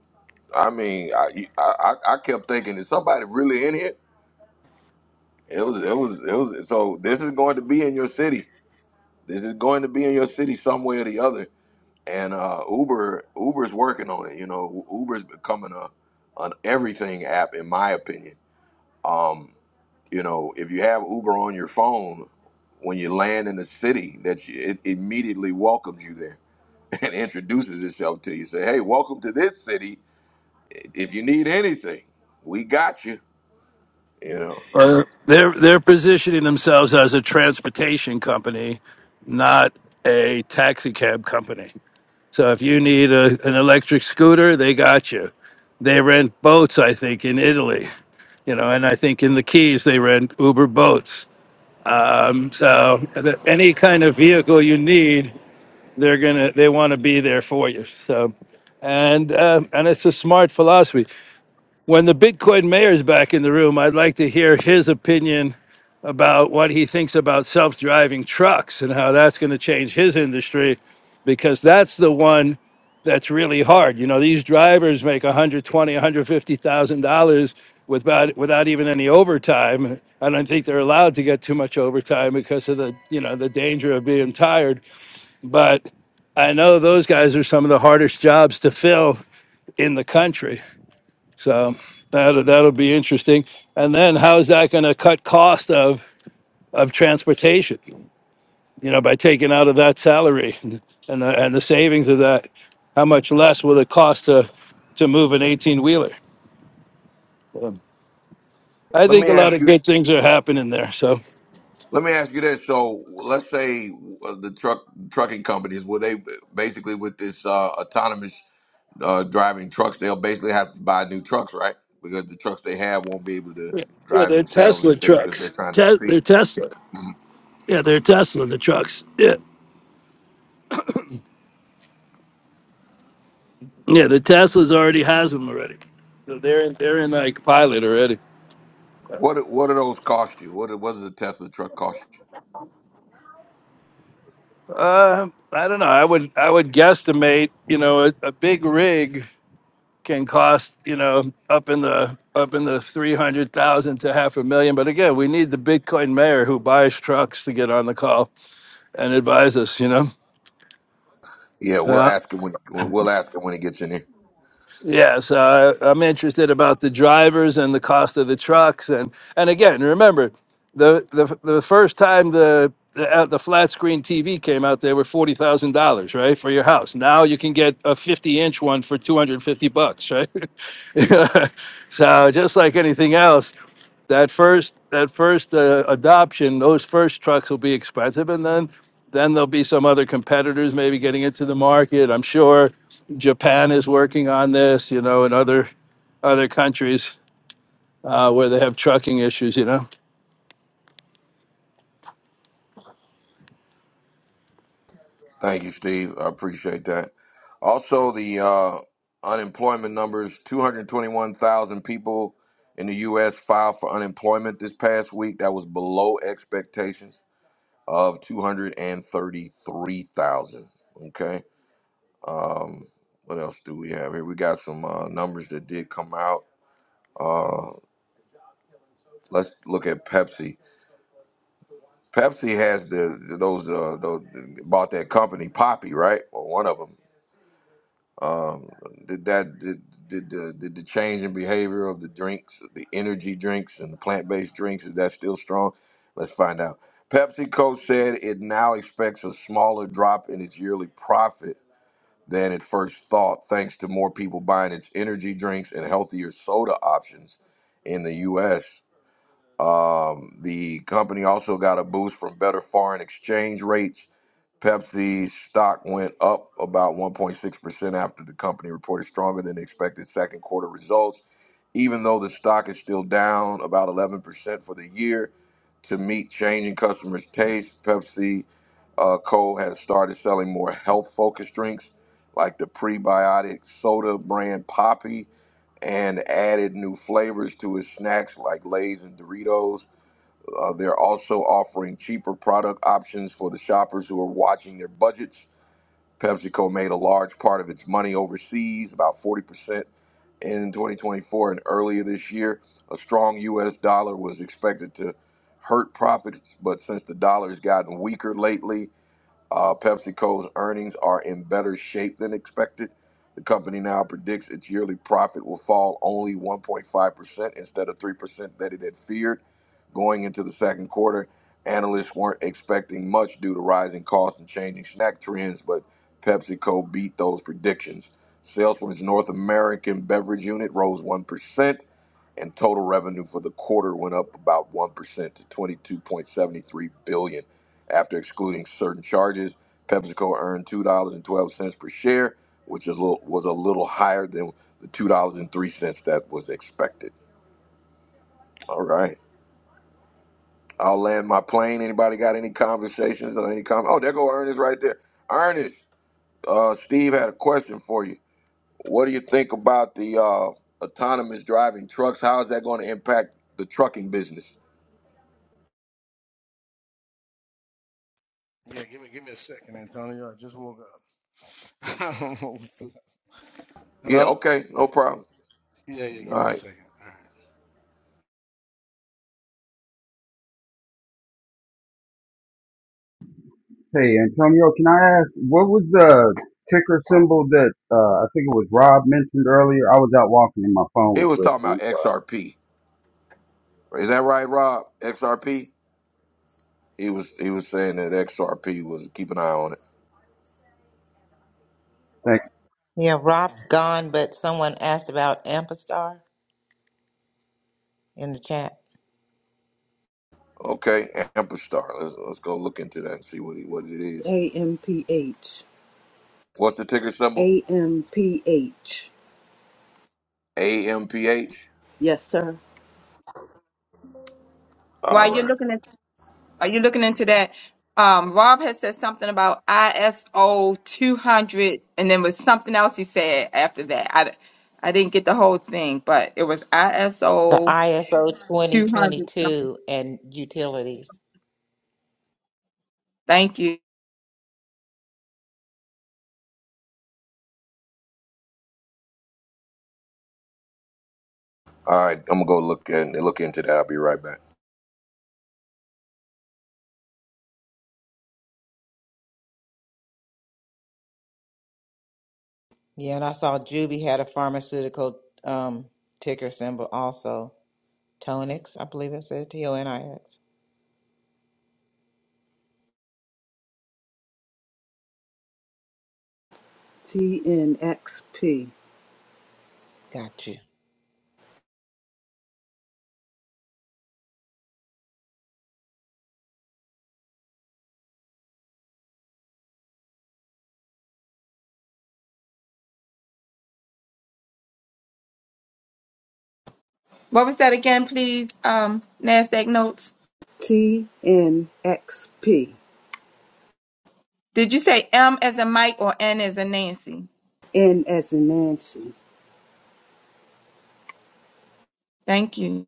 S1: I mean, I, I I I kept thinking, is somebody really in here? It was it was it was. So this is going to be in your city. This is going to be in your city some way or the other and uh, Uber Uber's working on it. You know, Uber's becoming a an everything app, in my opinion. Um, you know, if you have Uber on your phone when you land in the city, that you, it immediately welcomes you there and introduces itself to you. Say, hey, welcome to this city. If you need anything, we got you. You know.
S11: Uh, They're they're positioning themselves as a transportation company, not a taxi cab company. So if you need a, an electric scooter, they got you. They rent boats, I think, in Italy. You know, and I think in the Keys they rent Uber boats. So the- any kind of vehicle you need, they're gonna they want to be there for you. So, and uh, and it's a smart philosophy. When the Bitcoin mayor is back in the room, I'd like to hear his opinion about what he thinks about self driving trucks and how that's going to change his industry because that's the one that's really hard. You know, these drivers make 120, 150,000 dollars without without even any overtime. I don't think they're allowed to get too much overtime because of the, you know, the danger of being tired, but I know those guys are some of the hardest jobs to fill in the country. So that that'll be interesting. And then how's that going to cut cost of of transportation? You know, by taking out of that salary and the, and the savings of that, how much less will it cost to to move an eighteen wheeler? I
S1: Let
S11: think
S1: me
S11: a lot
S1: ask
S11: of
S1: you.
S11: good things are happening there. So
S1: Let me ask you this. So let's say uh, the truck trucking companies, will they basically with this uh, autonomous uh, driving trucks, they'll basically have to buy new trucks, right? Because the trucks they have won't be able to
S11: yeah, yeah
S1: drive
S11: they're
S1: themselves
S11: Tesla
S1: if they if they're
S11: trucks.
S1: trying to
S11: Te-
S1: compete.
S11: they're Tesla.
S1: Mhm.
S11: Yeah, they're Tesla. The trucks. Yeah, yeah. The Teslas already has them already. So they're in, they're in like pilot already.
S1: What do- what do those cost you? What do- what does a Tesla truck cost
S11: Uh, I don't know. I would I would guesstimate. You know, a, a big rig can cost you know up in the up in the three hundred thousand to half a million. But again, we need the Bitcoin mayor who buys trucks to get on the call and advise us. You know.
S1: you? Yeah, we'll
S11: Yeah.
S1: ask him when we'll ask him when he gets in here.
S11: Yes, uh, I'm interested about the drivers and the cost of the trucks, and and again, remember, the the, the first time the the, uh, the flat screen TV came out, they were forty thousand dollars, right, for your house. Now you can get a fifty inch one for two hundred fifty bucks, right? so just like anything else, that first that first uh, adoption, those first trucks will be expensive, and then then there'll be some other competitors maybe getting into the market. I'm sure Japan is working on this, you know, and other other countries uh, where they have trucking issues, you know.
S1: Thank you, Steve. I appreciate that. Also, the uh, unemployment numbers 221,000 people in the U.S. filed for unemployment this past week. That was below expectations of 233,000. Okay. Um, what else do we have here? We got some uh, numbers that did come out. Uh, let's look at Pepsi. Pepsi has the those uh, those bought that company Poppy, right? Or one of them Um, did that did, did the did the change in behavior of the drinks, the energy drinks and the plant based drinks, is that still strong? Let's find out. PepsiCo said it now expects a smaller drop in its yearly profit than it first thought, thanks to more people buying its energy drinks and healthier soda options in the U.S. Um, the company also got a boost from better foreign exchange rates Pepsi stock went up about 1.6% after the company reported stronger than expected second quarter results. Even though the stock is still down about 11% for the year to meet changing customers' taste, Pepsi uh, Co. has started selling more health focused drinks like the prebiotic soda brand Poppy and added new flavors to its snacks like Lay's and Doritos. Uh, they're also offering cheaper product options for the shoppers who are watching their budgets. PepsiCo made a large part of its money overseas, about 40% in 2024 and earlier this year. A strong U.S. dollar was expected to hurt profits, but since the dollar has gotten weaker lately, uh, PepsiCo's earnings are in better shape than expected. The company now predicts its yearly profit will fall only 1.5% instead of 3% that it had feared. Going into the second quarter, analysts weren't expecting much due to rising costs and changing snack trends, but PepsiCo beat those predictions. Sales from its North American beverage unit rose 1% and total revenue for the quarter went up about 1% to 22.73 billion dollars. after excluding certain charges pepsico earned $2.12 per share which is a little, was a little higher than the $2.03 that was expected all right i'll land my plane anybody got any conversations or any comment oh there go ernest right there ernest uh, steve had a question for you what do you think about the uh, autonomous driving trucks how is that going to impact the trucking business
S12: Yeah, give me give me a second, Antonio. I just woke up. what's up.
S1: Yeah,
S12: Hello?
S1: okay, no problem.
S12: Yeah, yeah, give
S1: All
S12: me a
S1: right.
S12: second. All right.
S13: Hey, Antonio, can I ask what was the ticker symbol that uh, I think it was Rob mentioned earlier? I was out walking and my
S1: He
S13: phone was
S1: was talking
S13: busting.
S1: about
S13: I'm sorry.
S1: XRP. Is that right, Rob? XRP? He was he was saying that XRP was keep an eye on it.
S6: Yeah, Rob's gone, but someone asked about Ampistar in the chat.
S1: Okay, Amperstar. Let's let's go look into that and see what he, what it is.
S3: A M P H.
S1: What's the ticker symbol?
S3: A M P H.
S1: AMPH.
S3: Yes, sir.
S1: All
S2: While you're
S1: right.
S2: looking at are you looking into that? Um, Rob had said something about ISO 200, and then was something else he said after that. I, I didn't get the whole thing, but it was
S6: The
S2: ISO
S6: ISO
S2: 200 something.
S6: 2022 and utilities.
S2: Thank you.
S1: All right, I'm gonna go look and look into that. I'll be right back.
S6: Yeah, and I saw Juby had a pharmaceutical um, ticker symbol also. Tonix, I believe it said T O N I X.
S3: T N X P.
S6: Got you.
S2: What was that again, please? Um, NASDAQ notes.
S3: T N X P.
S2: Did you say M as a Mike or N as a Nancy?
S3: N as in Nancy.
S2: Thank you.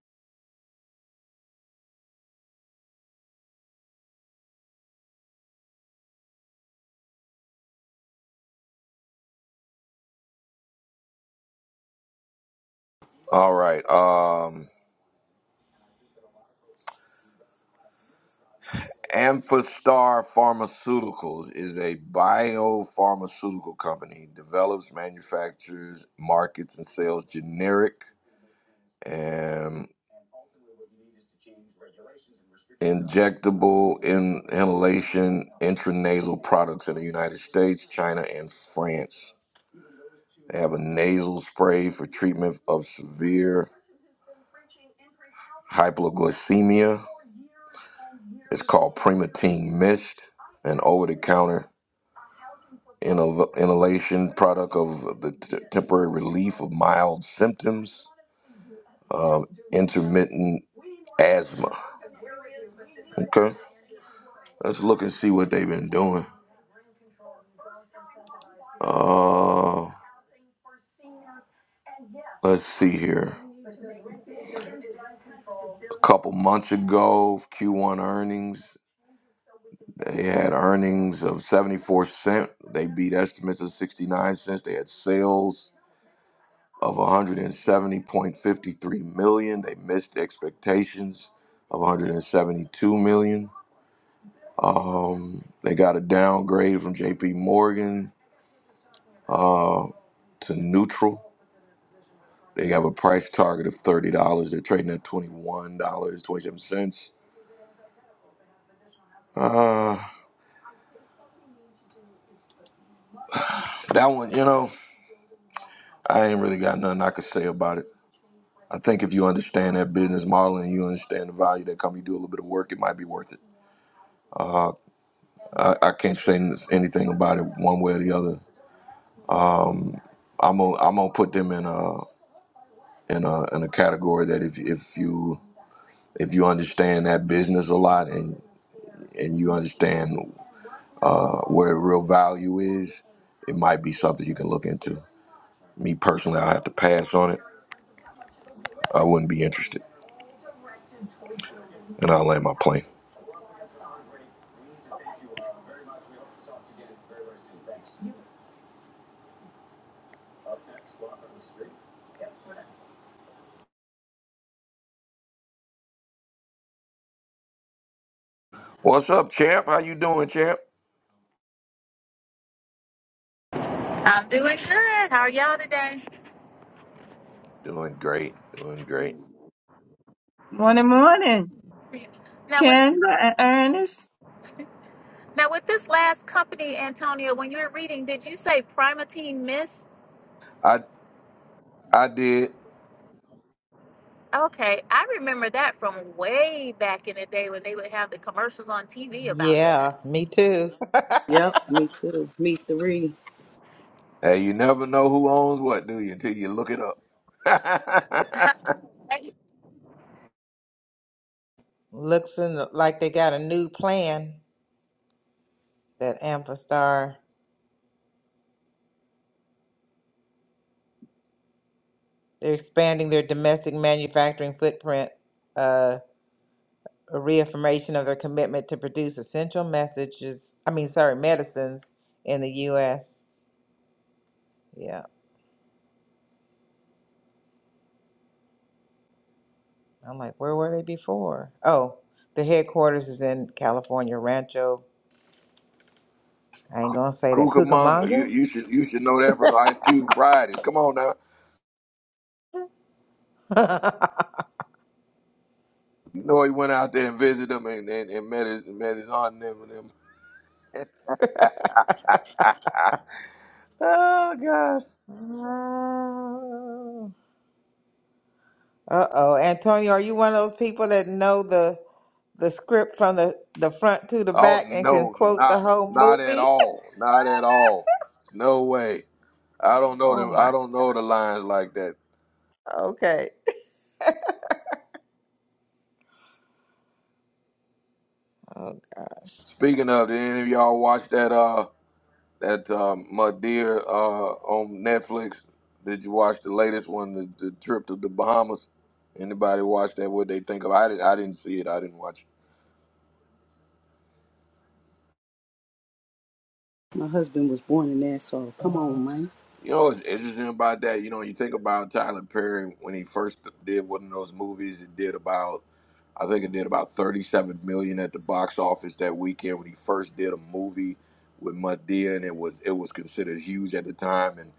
S1: All right. Um. Amphastar Pharmaceuticals is a biopharmaceutical company, develops, manufactures, markets, and sells generic and injectable in, inhalation intranasal products in the United States, China, and France. They have a nasal spray for treatment of severe hypoglycemia. It's called Primatene Mist, an over the counter inhal- inhalation product of the t- temporary relief of mild symptoms of intermittent asthma. Okay, let's look and see what they've been doing. Uh, let's see here. A couple months ago, Q1 earnings. They had earnings of 74 cent. They beat estimates of 69 cents. They had sales of 170.53 million. They missed expectations of 172 million. Um, they got a downgrade from JP Morgan uh, to neutral. They have a price target of $30. They're trading at $21.27. Uh, that one, you know, I ain't really got nothing I could say about it. I think if you understand that business model and you understand the value that come, you do a little bit of work, it might be worth it. Uh, I, I can't say n- anything about it one way or the other. Um, I'm gonna I'm gonna put them in a in a in a category that if if you if you understand that business a lot and and you understand uh, where the real value is, it might be something you can look into. Me personally, I have to pass on it. I wouldn't be interested, and I'll land my plane. What's up, champ? How you doing, champ?
S14: I'm doing good. How are y'all today?
S1: Doing great, doing great.
S2: Morning, morning.
S14: Now with
S2: Ken and Ernest.
S14: now with this last company, Antonio, when you were reading, did you say Primatine Mist?
S1: I I did.
S14: Okay, I remember that from way back in the day when they would have the commercials on TV about that.
S6: Yeah, me too.
S3: Yep, me too. Me three.
S1: Hey, you never know who owns what, do you? Until you look it up.
S6: Looks in the, like they got a new plan that Amphastar. They're expanding their domestic manufacturing footprint, uh, a reaffirmation of their commitment to produce essential messages. I mean, sorry, medicines in the U.S. Yeah, I'm like, where were they before? Oh, the headquarters is in California, Rancho. I ain't gonna say that.
S1: Cucamonga, you
S6: Cucamonga.
S1: you should you should know that for Ice Cube Fridays. Come on now. You know, he went out there and visited him and, and, and met his met his aunt and them. and them. Oh God!
S6: Uh-oh. Antonio, are you one of those people that know the the script from the, the front to the
S1: Oh
S6: back and can
S1: no,
S6: quote the
S1: not
S6: whole
S1: not at
S6: movie?
S1: all, not at all. No way. I don't know
S6: Oh
S1: them. I
S6: my.
S1: don't know the lines like that.
S6: Okay. Oh gosh.
S1: Speaking of, did any of y'all watch that uh that um, my uh on Netflix? Did you watch the latest one, the, the trip to the Bahamas? Anybody watch that? What they think of? I didn't. I didn't see it. I didn't watch. it.
S3: My husband was born in Nassau. Come on, man.
S1: You know what's interesting about that? You know, you think about Tyler Perry when he first did one of those movies. It did about, I think it did about thirty-seven million at the box office that weekend when he first did a movie with Madea, and it was it was considered huge at the time. And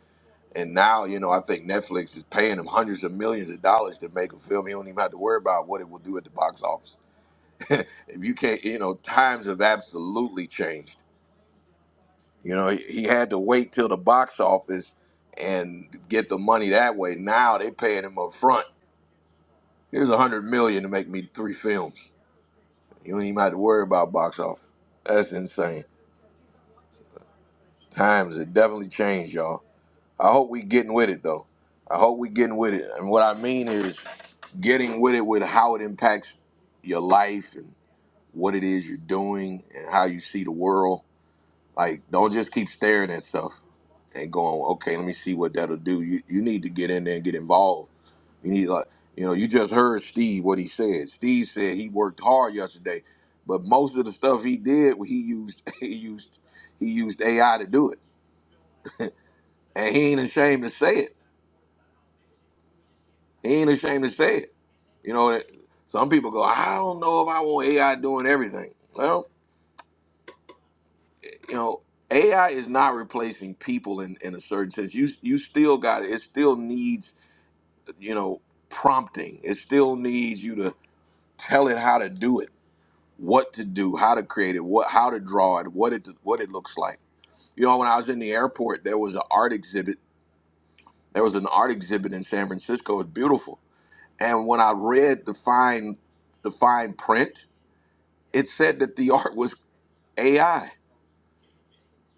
S1: and now, you know, I think Netflix is paying him hundreds of millions of dollars to make a film. He don't even have to worry about what it will do at the box office. If you can't, you know, times have absolutely changed you know, he had to wait till the box office and get the money that way. Now they paying him up front. Here's a hundred million to make me three films. You don't even have to worry about box office. That's insane. Times have definitely changed, y'all. I hope we getting with it though. I hope we getting with it. And what I mean is getting with it with how it impacts your life and what it is you're doing and how you see the world Like, don't just keep staring at stuff and going, okay, let me see what that'll do. You you need to get in there and get involved. You need like, you know, you just heard Steve what he said. Steve said he worked hard yesterday, but most of the stuff he did, he used he used he used AI to do it, and he ain't ashamed to say it. He ain't ashamed to say it. You know, that- some people go, I don't know if I want AI doing everything. Well, you know, AI is not replacing people in, in a certain sense. You you still got it. It still needs you know, prompting. It still needs you to tell it how to do it, what to do, how to create it, what how to draw it, what it what it looks like. You know, when I was in the airport, there was an art exhibit. There was an art exhibit in San Francisco. It's beautiful. And when I read the fine the fine print, it said that the art was AI.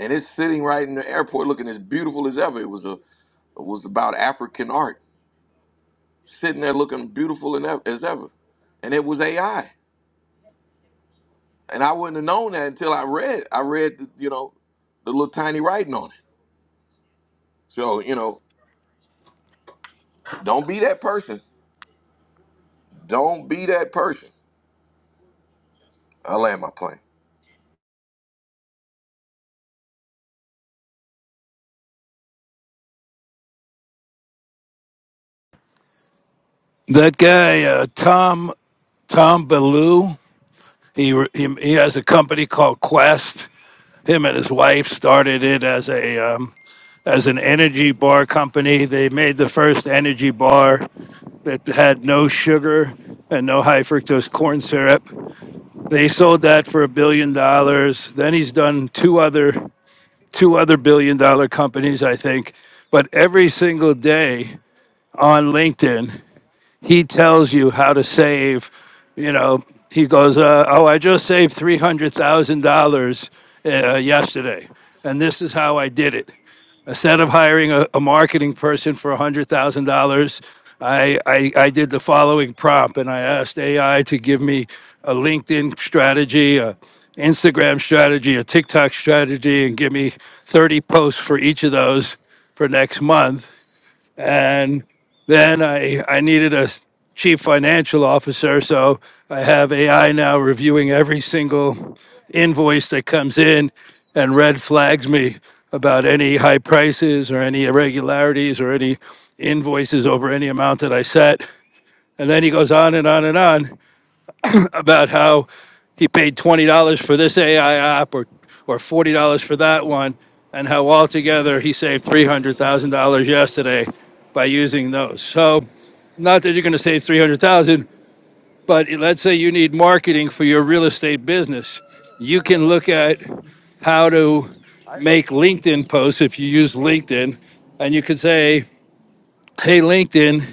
S1: And it's sitting right in the airport looking as beautiful as ever. It was a it was about African art. Sitting there looking beautiful and ev- as ever. And it was AI and I wouldn't have known that until I read. I read, the, you know, the little tiny writing on it. So you know, don't be that person. Don't be that person. I land my plane.
S11: That guy uh, Tom Tom Bellew, he, re- he he has a company called Quest. Him and his wife started it as a um, as an energy bar company. They made the first energy bar that had no sugar and no high fructose corn syrup. They sold that for a billion dollars. Then he's done two other two other billion dollar companies, I think. But every single day on LinkedIn, he tells you how to save. You know, he goes, uh, "Oh, I just saved three hundred thousand dollars uh, yesterday, and this is how I did it." Instead of hiring a, a marketing person for one hundred thousand dollars, I, I I did the following prompt, and I asked AI to give me a LinkedIn strategy, a Instagram strategy, a TikTok strategy, and give me thirty posts for each of those for next month and then I I needed a s- chief financial officer, so I have AI now reviewing every single invoice that comes in and red flags me about any high prices or any irregularities or any invoices over any amount that I set. And then he goes on and on and on about how he paid twenty dollars for this AI app or or forty dollars for that one, and how altogether he saved three hundred thousand dollars yesterday by using those. So, not that you're going to save three hundred thousand, dollars, but let's say you need marketing for your real estate business, you can look at how to make LinkedIn posts if you use LinkedIn, and you could say, "Hey LinkedIn,"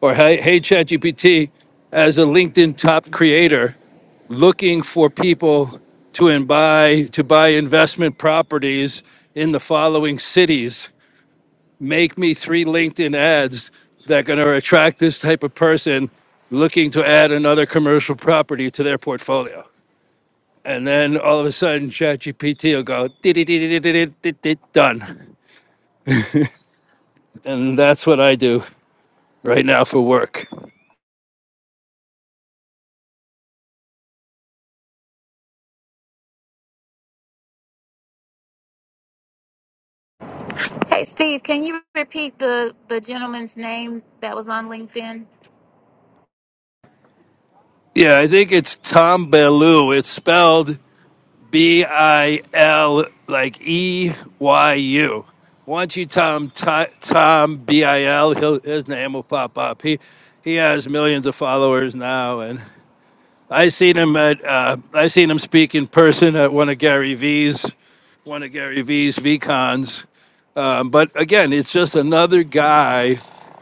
S11: or "Hey Hey ChatGPT," as a LinkedIn top creator looking for people to and buy to buy investment properties in the following cities. Make me three LinkedIn ads that are going to attract this type of person looking to add another commercial property to their portfolio. And then all of a sudden, ChatGPT will go "Dee-dee-dee-dee-dee-dee-dee-dee," done. And that's what I do right now for work.
S14: Hey Steve, can you repeat the the gentleman's name that was on LinkedIn?
S11: Yeah, I think it's Tom Bellew. It's spelled B I L like E Y U. Once you Tom Tom B I L, he'll, his name will pop up. He he has millions of followers now, and. I seen him at uh, I seen him speak in person at one of Gary V's one of Gary V's VCons. Um, but again, it's just another guy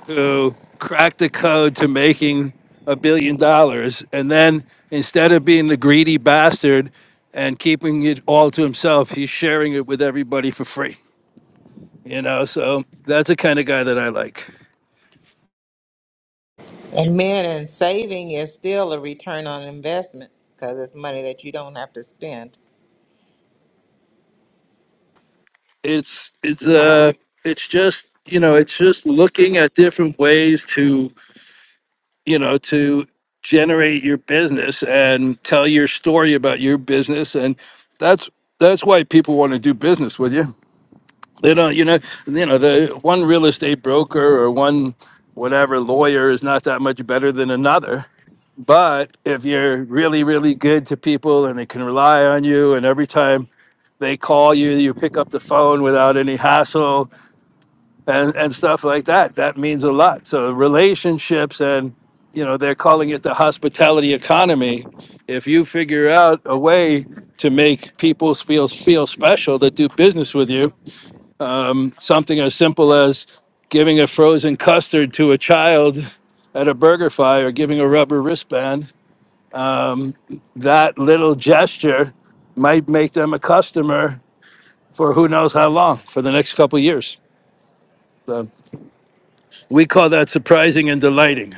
S11: who cracked the code to making a billion dollars, and then instead of being the greedy bastard and keeping it all to himself, he's sharing it with everybody for free. You know, so that's the kind of guy that I like.
S6: And man, and saving is still a return on investment because it's money that you don't have to spend.
S11: It's it's uh it's just you know it's just looking at different ways to you know, to generate your business and tell your story about your business. And that's that's why people want to do business with you. They don't, you know, you know, the one real estate broker or one whatever lawyer is not that much better than another. But if you're really, really good to people and they can rely on you and every time they call you, you pick up the phone without any hassle and and stuff like that. That means a lot. So relationships and you know they're calling it the hospitality economy. If you figure out a way to make people feel feel special that do business with you, um, something as simple as giving a frozen custard to a child at a burger fry or giving a rubber wristband, that little gesture might make them a customer for who knows how long for the next couple years. So we call that surprising and delighting.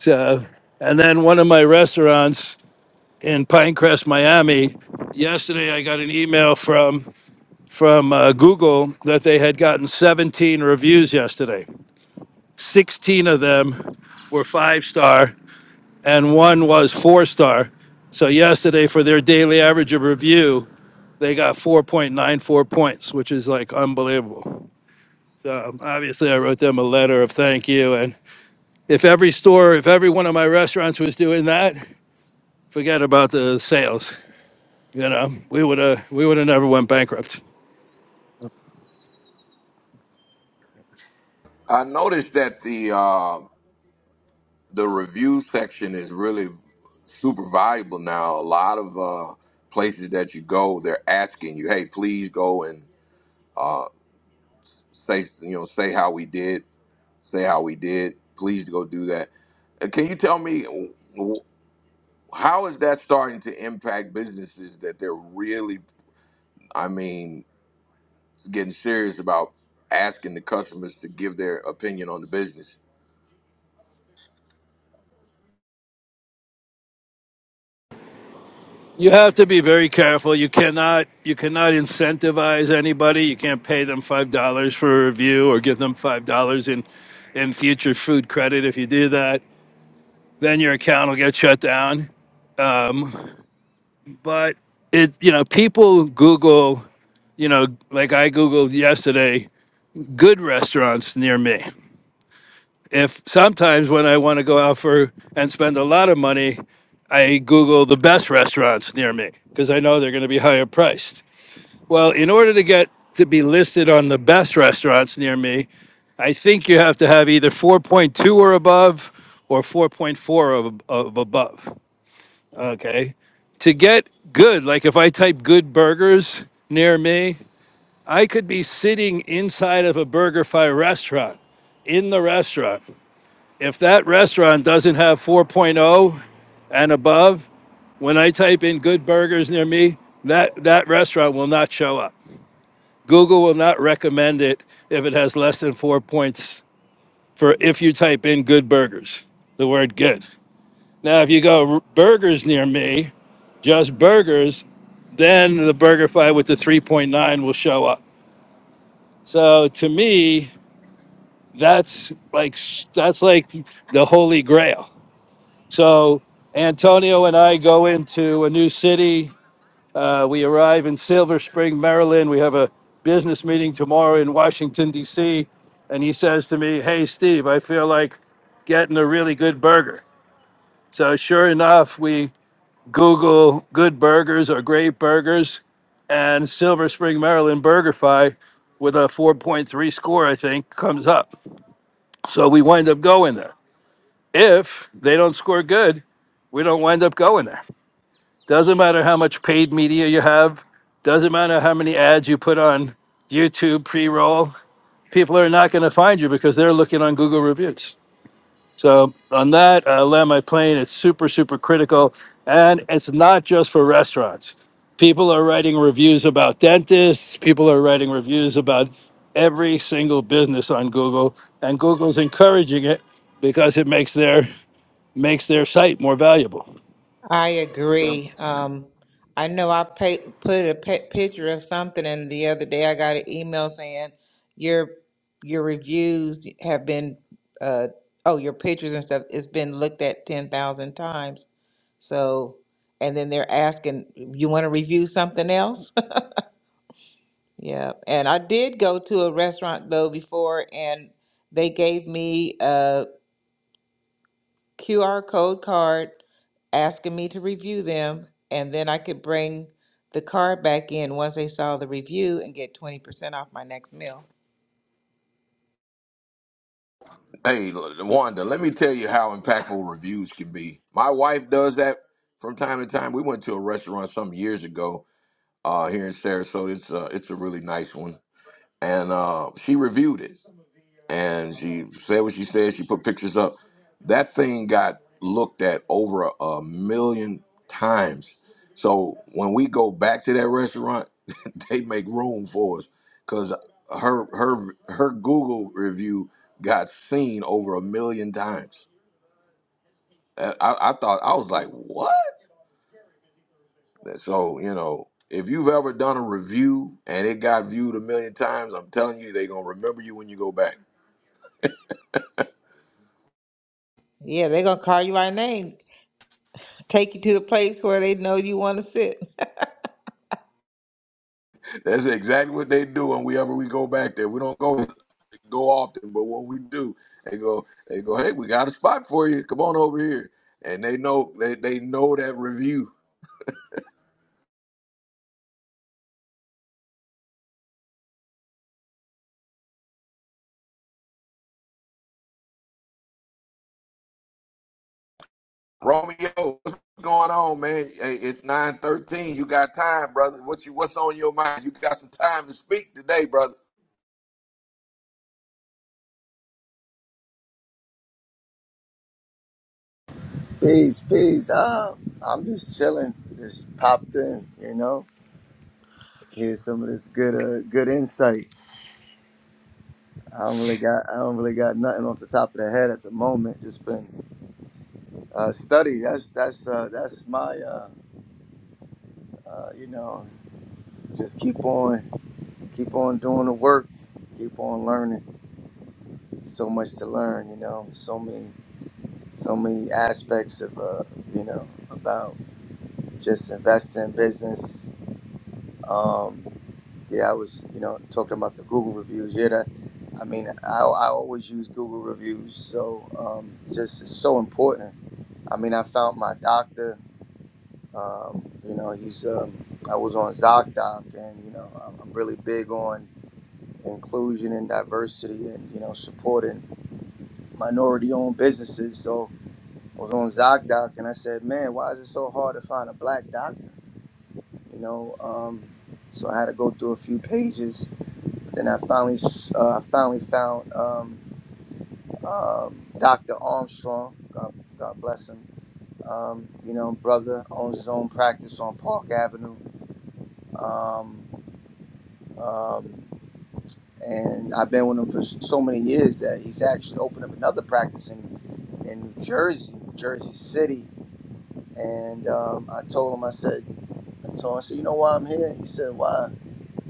S11: So, and then one of my restaurants in Pinecrest, Miami. Yesterday, I got an email from from uh, Google that they had gotten 17 reviews yesterday. 16 of them were five star, and one was four star. So yesterday, for their daily average of review, they got 4.94 points, which is like unbelievable. So obviously, I wrote them a letter of thank you. And if every store, if every one of my restaurants was doing that, Forget about the sales. You know, we would have we would have never went bankrupt.
S1: I noticed that the uh, the review section is really super valuable now. A lot of uh, places that you go, they're asking you, "Hey, please go and uh, say you know say how we did, say how we did. Please go do that." Uh, Can you tell me? How is that starting to impact businesses that they're really, I mean, getting serious about asking the customers to give their opinion on the business?
S11: You have to be very careful. You cannot you cannot incentivize anybody. You can't pay them five dollars for a review or give them five dollars in in future food credit. If you do that, then your account will get shut down. Um, but it you know people Google you know like I googled yesterday good restaurants near me if sometimes when I want to go out for and spend a lot of money, I Google the best restaurants near me because I know they're going to be higher priced. Well, in order to get to be listed on the best restaurants near me, I think you have to have either 4.2 or above or 4.4 of, of above. Okay. To get good, like if I type good burgers near me, I could be sitting inside of a BurgerFi restaurant in the restaurant if that restaurant doesn't have 4.0 and above, when I type in good burgers near me, that, that restaurant will not show up. Google will not recommend it if it has less than four points for if you type in good burgers, the word good. Now, if you go burgers near me, just burgers, then the BurgerFi with the 3.9 will show up. So to me, that's like that's like the holy grail. So Antonio and I go into a new city. Uh, we arrive in Silver Spring, Maryland. We have a business meeting tomorrow in Washington, D.C. And he says to me, Hey, Steve, I feel like getting a really good burger. So sure enough, we Google good burgers or great burgers and Silver Spring, Maryland BurgerFi with a 4.3 score, I think, comes up. So we wind up going there. If they don't score good, we don't wind up going there. Doesn't matter how much paid media you have, doesn't matter how many ads you put on YouTube pre roll, people are not going to find you because they're looking on Google reviews. So, on that, I land my plane. It's super, super critical. And it's not just for restaurants. People are writing reviews about dentists, people are writing reviews about every single business on Google. And Google's encouraging it because it makes their makes their site more valuable.
S6: I
S11: So,
S6: agree. Um, I know I pa- put a pi- picture of something, and the other day I got an email saying your your reviews have been, uh, oh, your pictures and stuff. It's been looked at ten thousand times. So, and then they're asking, you want to review something else? Yeah, and I did go to a restaurant though before, and they gave me uh, QR code card asking me to review them, and then I could bring the card back in once they saw the review and get 20% off my next meal.
S1: Hey, Wanda, let me tell you how impactful reviews can be. My wife does that from time to time. We went to a restaurant some years ago uh, here in Sarasota. It's uh, it's a really nice one, and uh, she reviewed it. and she said what she said. She put pictures up. That thing got looked at over a, a million times. So when we go back to that restaurant, they make room for us because her her her Google review got seen over a million times. I, I I thought I was like, what? So you know, if you've ever done a review and it got viewed a million times, I'm telling you, they're gonna remember you when you go back.
S6: Yeah, they're gonna call you by name, take you to the place where they know you want to sit.
S1: That's exactly what they do when we ever we go back there. We don't go go often, but when we do, they go they go, hey, we got a spot for you. Come on over here. And they know they, they know that review. Romeo, what's going on, man? Hey, it's nine thirteen. You got time, brother. What you what's on your mind? You got some time to speak today, brother.
S15: Peace, peace. Uh, I'm just chilling. Just popped in, you know. Hear some of this good, uh, good insight. I don't really got, I don't really got nothing off the top of the head at the moment. Just been uh, study. That's that's uh, that's my, uh, uh, you know, just keep on, keep on doing the work, keep on learning. So much to learn, you know. So many, so many aspects of, uh, you know, about just investing in business. Um, Yeah, I was, you know, talking about the Google reviews. Yeah, that, I mean, I, I always use Google reviews, so um, just it's so important. I mean, I found my doctor. Um, you know, he's. Um, I was on ZocDoc, and you know, I'm, I'm really big on inclusion and diversity, and you know, supporting minority-owned businesses. So I was on ZocDoc, and I said, man, why is it so hard to find a black doctor? You know, um, so I had to go through a few pages Then I finally, uh, I finally found um, um, Dr. Armstrong. God, God bless him. Um, you know, brother owns his own practice on Park Avenue, um, um, and I've been with him for so many years that he's actually opened up another practice in, in New Jersey, Jersey City. And um, I told him, I said, I told him, I said, you know why I'm here? He said, why?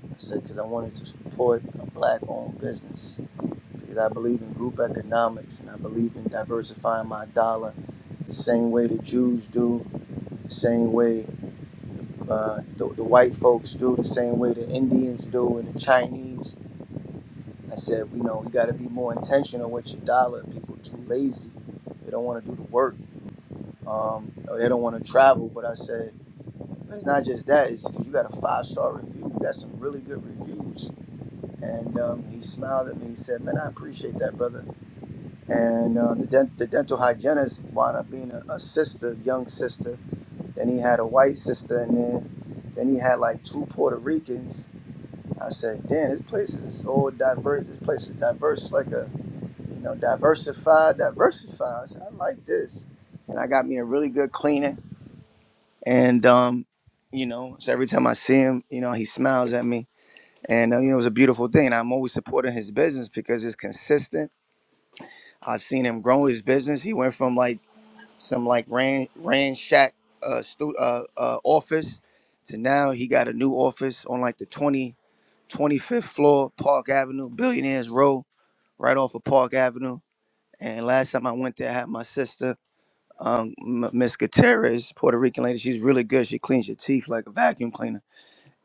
S15: I said, because I wanted to support a black-owned business because I believe in group economics and I believe in diversifying my dollar the same way the Jews do, the same way uh, the, the white folks do, the same way the Indians do, and the Chinese. I said, you know, you got to be more intentional with your dollar. People too lazy; they don't want to do the work, um, or they don't want to travel. But I said, it's not just that; it's because you got a five-star review. You got some really good reviews. And um, he smiled at me. He said, "Man, I appreciate that, brother." and uh, the, dent- the dental hygienist wound up being a, a sister, young sister. Then he had a white sister in there. Then he had like two Puerto Ricans. I said, "Damn, this place is all diverse. This place is diverse, like a you know, diversified, diversified." I said, "I like this," and I got me a really good cleaner. And um, you know, so every time I see him, you know, he smiles at me, and uh, you know, it was a beautiful thing. And I'm always supporting his business because it's consistent. I've seen him grow his business. He went from like some like ran ransack uh, stu- uh, uh office to now he got a new office on like the twenty twenty fifth floor park avenue billionaires row right off of park avenue and last time i went there i had my sister um M- miss gutierrez puerto rican lady she's really good she cleans your teeth like a vacuum cleaner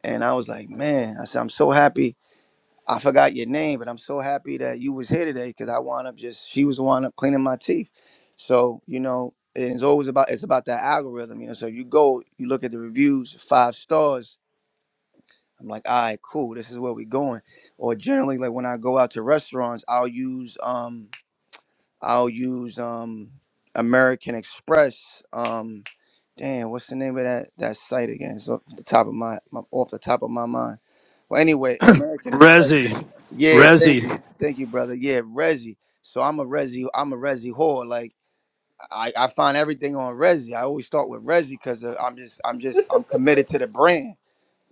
S15: and i was like man i said i'm so happy I forgot your name, but I'm so happy that you was here today because I wound up just she was wound up cleaning my teeth. So you know, it's always about it's about that algorithm, you know. So you go, you look at the reviews, five stars. I'm like, all right, cool. This is where we going. Or generally, like when I go out to restaurants, I'll use um I'll use um American Express. Um, damn, what's the name of that that site again? So off the top of my, my off the top of my mind. Well, anyway, American Express.
S11: Resi,
S15: Yeah, thank
S11: Resi,
S15: you. Thank you, brother. Yeah, Resi. So I'm a Resi, I'm a Resi whore. Like I, I find everything on Resi. I always start with Resi because I'm just I'm just I'm committed to the brand.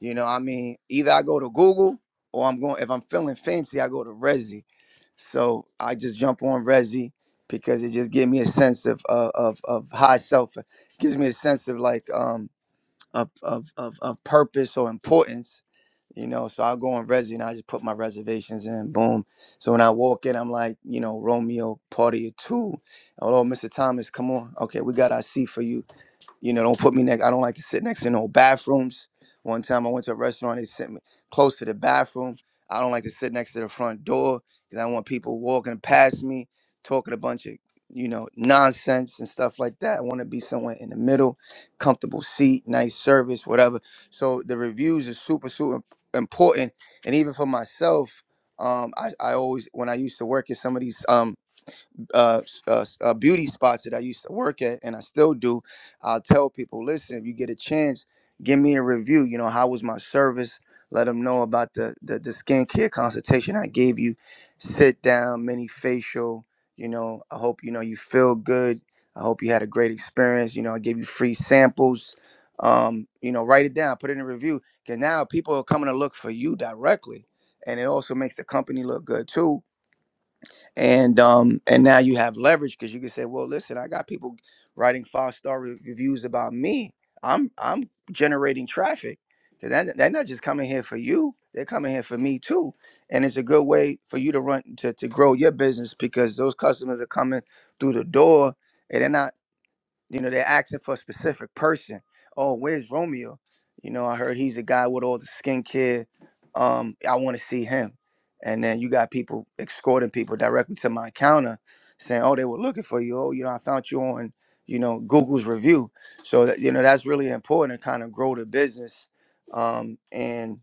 S15: You know, what I mean, either I go to Google or I'm going if I'm feeling fancy, I go to Resi. So I just jump on Resi because it just gives me a sense of uh, of of high self. It gives me a sense of like um of of of, of purpose or importance. You know, so I'll go on Resi and I just put my reservations in, boom. So when I walk in, I'm like, you know, Romeo, party of two. Hello, Mr. Thomas, come on. Okay, we got our seat for you. You know, don't put me next. I don't like to sit next to no bathrooms. One time I went to a restaurant, they sent me close to the bathroom. I don't like to sit next to the front door because I don't want people walking past me, talking a bunch of, you know, nonsense and stuff like that. I want to be somewhere in the middle comfortable seat, nice service, whatever. So the reviews is super, super important. And even for myself, um, I, I always when I used to work at some of these um, uh, uh, uh, beauty spots that I used to work at, and I still do. I'll tell people, listen, if you get a chance, give me a review. You know, how was my service? Let them know about the the, the skincare consultation I gave you. Sit down, mini facial. You know, I hope you know you feel good. I hope you had a great experience. You know, I gave you free samples. Um, you know, write it down, put it in a review. Cause now people are coming to look for you directly. And it also makes the company look good too and um and now you have leverage because you can say well listen i got people writing five star reviews about me i'm i'm generating traffic because they're not just coming here for you they're coming here for me too and it's a good way for you to run to, to grow your business because those customers are coming through the door and they're not." You know, they're asking for a specific person. Oh, where's Romeo? You know, I heard he's the guy with all the skincare. Um, I want to see him. And then you got people escorting people directly to my counter saying, Oh, they were looking for you. Oh, you know, I found you on, you know, Google's review. So that you know, that's really important to kind of grow the business. Um, and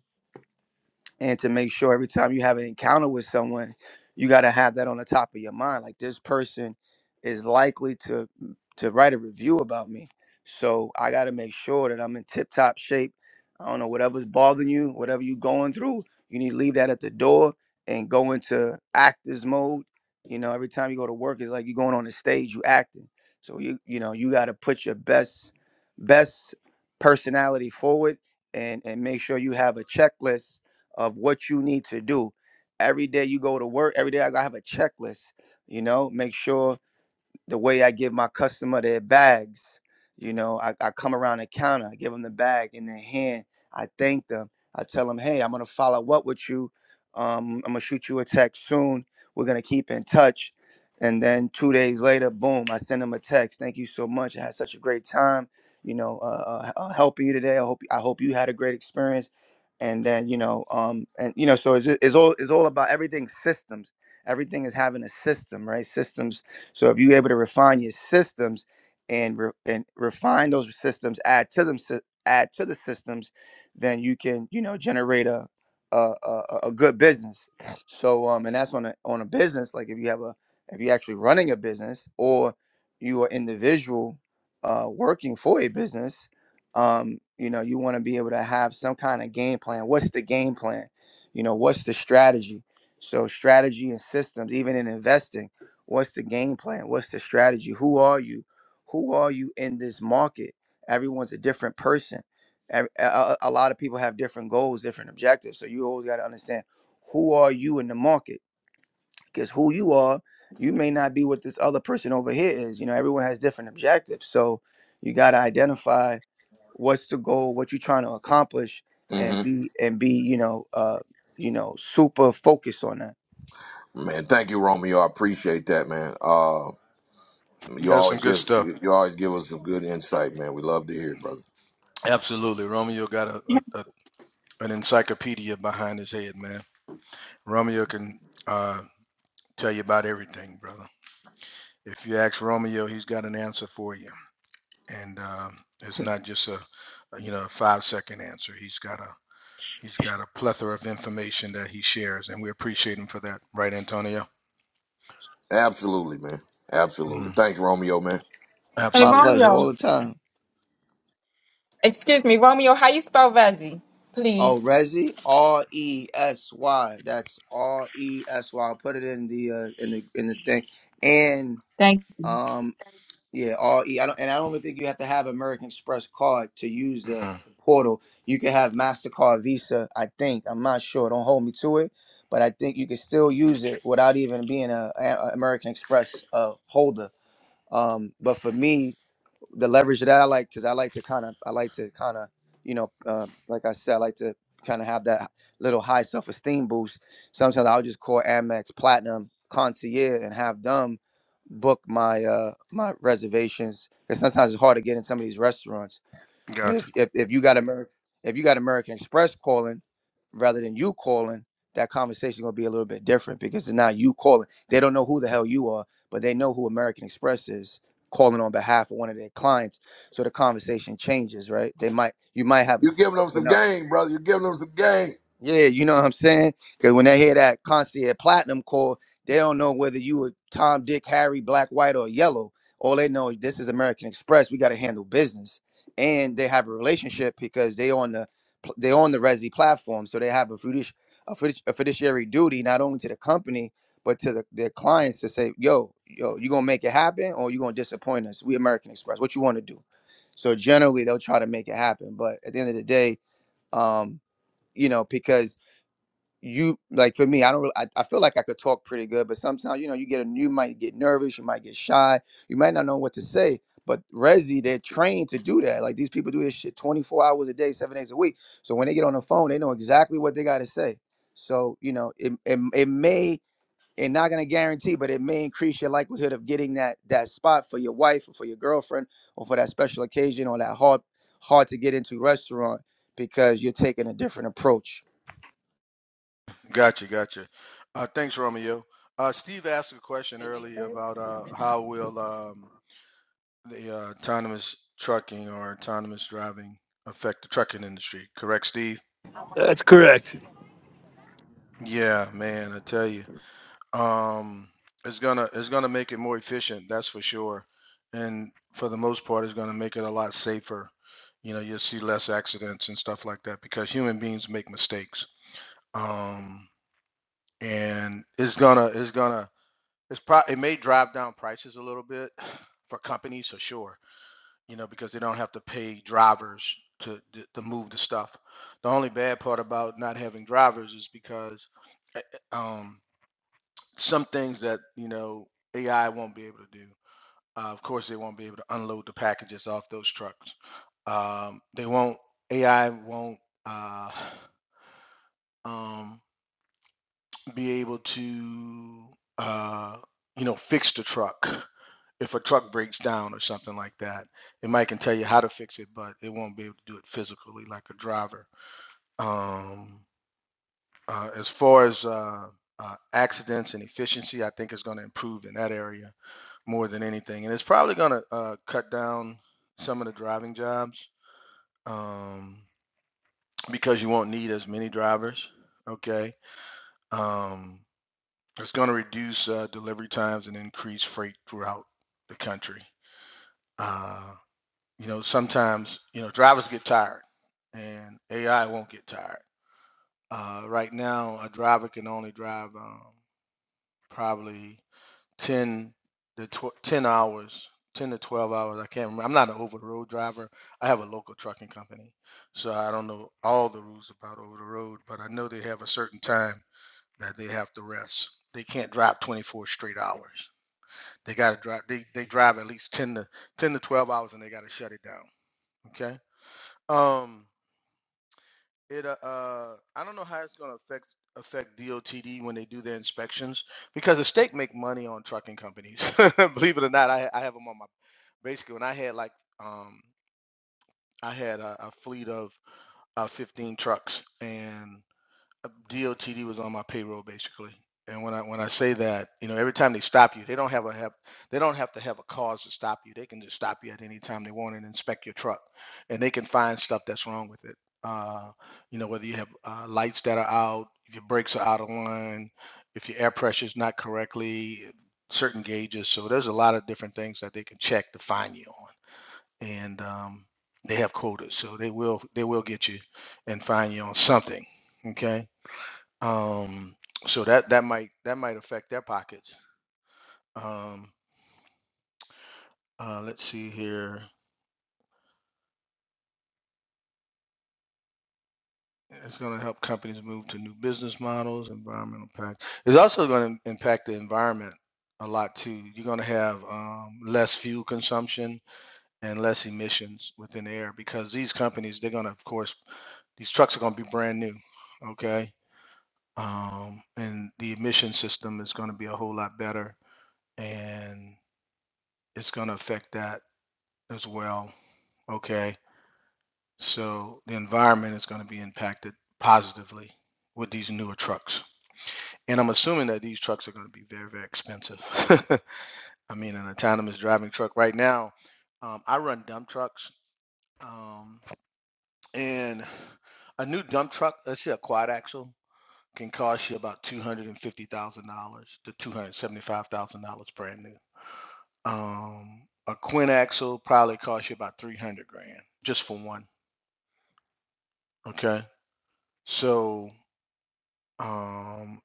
S15: and to make sure every time you have an encounter with someone, you got to have that on the top of your mind. Like this person is likely to mm, to write a review about me, so I got to make sure that I'm in tip top shape. I don't know whatever's bothering you, whatever you're going through, you need to leave that at the door and go into actors mode. You know, every time you go to work, it's like you're going on the stage, you acting. So you you know you got to put your best best personality forward and and make sure you have a checklist of what you need to do. Every day you go to work, every day I gotta have a checklist, you know, make sure the way I give my customer their bags. You know, I, I come around the counter, I give them the bag in their hand. I thank them. I tell them, hey, I'm gonna follow up with you. Um, I'm gonna shoot you a text soon. We're gonna keep in touch. And then two days later, boom, I send them a text. Thank you so much. I had such a great time. You know, uh, uh, uh, helping you today. I hope I hope you had a great experience. And then you know, um, and you know, so it's, it's all it's all about everything systems. Everything is having a system, right? Systems so if you're able to refine your systems and re- and refine those systems, add to them, sy- add to the systems, then you can you know generate a a, a, a a good business. So um, and that's on a on a business like if you have a if you're actually running a business or you are individual uh, working for a business, um, you know you want to be able to have some kind of game plan. What's the game plan? You know what's the strategy? So strategy and systems, even in investing What's the game plan? What's the strategy? Who are you? Who are you in this market? Everyone's a different person. Ev- A, a- a lot of people have different goals, different objectives. So you always got to understand who are you in the market? Because who you are, you may not be what this other person over here is. You know, everyone has different objectives. So you got to identify what's the goal, what you're trying to accomplish, and
S1: hmm
S15: be and be you know uh, you know super focused on that.
S1: Man, thank you, Romeo. I appreciate that, man. Uh,
S12: Yeah,
S1: you
S12: some
S1: always
S12: good
S1: give
S12: stuff.
S1: you, you always give us some good insight, man. We love to hear it, brother.
S12: Absolutely. Romeo got a,
S2: Hey,
S12: a, a an encyclopedia behind his head, man. Romeo can uh, tell you about everything, brother. If you ask Romeo, he's got an answer for you. And um, it's not just a, a you know a five second answer. He's got a he's got a plethora of information that he shares and we appreciate him for that, right, Antonio?
S1: Absolutely, man. Absolutely.
S12: Mhm.
S1: Thanks, Romeo, man.
S15: My
S12: Absolutely,
S15: pleasure
S2: Romeo.
S12: absolutely.
S15: all the time.
S2: Excuse me, Romeo, how you spell Vezi?
S15: Oh,
S2: Please.
S15: Resy, R E S Y. That's R E S Y. I'll put it in the uh, in the in the thing. And
S2: Thank
S15: um, yeah, R E. I don't and I don't even think you have to have American Express card to use the
S12: Mm-hmm.
S15: portal. You can have Mastercard, Visa. I think. I'm not sure. Don't hold me to it. But I think you can still use it without even being a, a a American Express uh, holder. Um, but for me, the leverage that I like because I like to kind of I like to kind of you know uh, like I said I like to kind of have that little high self esteem boost. Sometimes I'll just call Amex Platinum Concierge and have them book my uh my reservations because sometimes it's hard to get in some of these restaurants. But
S12: Gotcha.
S15: if if, if you got American if you got American Express calling rather than you calling, that conversation gonna be a little bit different because it's not you calling. They don't know who the hell you are, but they know who American Express is calling on behalf of one of their clients. So the conversation changes, right? They might you might have a
S1: You
S15: seat
S1: giving them
S15: open
S1: some
S15: up.
S1: game, brother. You giving them some game.
S15: Yeah, you know what I'm saying? Because when they hear that constantly at platinum core, they don't know whether you were Tom, Dick, Harry, black, white, or yellow. All they know is this is American Express. We got to handle business, and they have a relationship because they on the pl- they on the Resi platform, so they have a fiduci- a, fiduci- a fiduciary duty not only to the company but to the, their clients to say, "Yo, yo, you gonna make it happen, or you gonna disappoint us? We American Express. What you want to do?" So generally, they'll try to make it happen, but at the end of the day, um, you know, because you like for me i don't really, I, I feel like i could talk pretty good but sometimes you know you get a you might get nervous you might get shy you might not know what to say but resi they're trained to do that like these people do this shit 24 hours a day seven days a week so when they get on the phone they know exactly what they got to say so you know it, it, it may and not going to guarantee but it may increase your likelihood of getting that that spot for your wife or for your girlfriend or for that special occasion or that hard hard to get into restaurant because you're taking a different approach
S12: Gotcha. Gotcha. Uh, thanks, Romeo. Uh, Steve asked a question earlier about uh, how will um, the uh, autonomous trucking or autonomous driving affect the trucking industry? Correct, Steve?
S11: That's correct.
S12: Yeah, man, I tell you, um, it's gonna it's gonna make it more efficient. That's for sure, and for the most part, it's gonna make it a lot safer. You know, you'll see less accidents and stuff like that because human beings make mistakes. Um, and it's gonna it's gonna It's pro it may drive down prices a little bit for companies for sure, you know, because they don't have to pay drivers to to, to move the stuff. The only bad part about not having drivers is because uh, uh, um, some things that you know AI won't be able to do. Uh, of course, they won't be able to unload the packages off those trucks. Um, they won't AI won't uh, um, be able to uh, you know fix the truck if a truck breaks down or something like that it might can tell you how to fix it but it won't be able to do it physically like a driver um, uh, as far as uh, uh, accidents and efficiency i think it's going to improve in that area more than anything and it's probably going to uh, cut down some of the driving jobs um, because you won't need as many drivers okay um, It's going to reduce uh, delivery times and increase freight throughout the country. Uh, you know, sometimes you know drivers get tired, and AI won't get tired. Uh, right now, a driver can only drive um, probably ten to tw- ten hours, ten to twelve hours. I can't remember. I'm not an over the road driver. I have a local trucking company, so I don't know all the rules about over the road, but I know they have a certain time that they have to rest. They can't drive 24 straight hours They got to drive. They, they drive at least ten to ten to twelve hours, and they got to shut it down. Okay. Um. It uh. uh, I don't know how it's gonna affect affect DOTD when they do their inspections because the state make money on trucking companies. Believe it or not, I I have them on my basically when I had like um I had a, a fleet of uh, fifteen trucks, and. uh, DOTD was on my payroll basically. And when I when I say that, you know, every time they stop you, they don't have a have they don't have to have a cause to stop you. They can just stop you at any time they want and inspect your truck, and they can find stuff that's wrong with it. Uh, you know, whether you have uh, lights that are out, if your brakes are out of line, if your air pressure is not correctly, certain gauges. So there's a lot of different things that they can check to find you on, and um, they have quotas, so they will they will get you and find you on something. Okay um, so that that might that might affect their pockets. Um, uh, let's see here. It's going to help companies move to new business models, environmental impact. It's also going to impact the environment a lot too. You're going to have um, less fuel consumption and less emissions within the air because these companies, they're going to, of course, these trucks are going to be brand new. Okay. Um, and the emission system is going to be a whole lot better and it's going to affect that as well. Okay, so the environment is going to be impacted positively with these newer trucks. And I'm assuming that these trucks are going to be very, very expensive. I mean, an autonomous driving truck right now, um, I run dump trucks, um, and a new dump truck, let's say a quad axle, can cost you about $250,000 to $275,000 brand new. Um, a quint axle probably costs you about 300 grand just for one. Okay. So Um,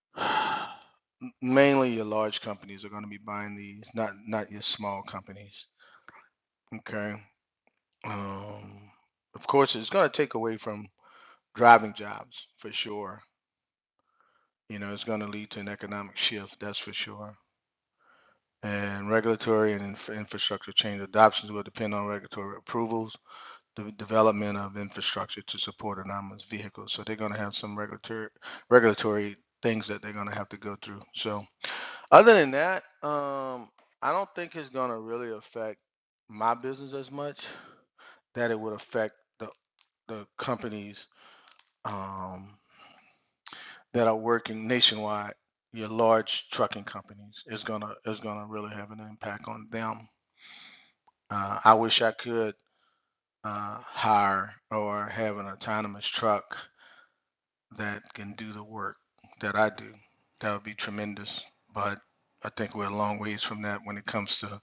S12: m- mainly your large companies are going to be buying these, not not your small companies. Okay. Um, of course, it's going to take away from driving jobs for sure. You know, it's going to lead to an economic shift, that's for sure. And regulatory and inf- infrastructure change adoptions will depend on regulatory approvals, the development of infrastructure to support autonomous vehicles. So they're going to have some regulatory regulatory things that they're going to have to go through. So Other than that, um, I don't think it's gonna really affect my business as much that it would affect the the companies um, that are working nationwide. Your large trucking companies is gonna is gonna really have an impact on them. Uh, I wish I could uh, hire or have an autonomous truck that can do the work that I do. That would be tremendous. But I think we're a long ways from that when it comes to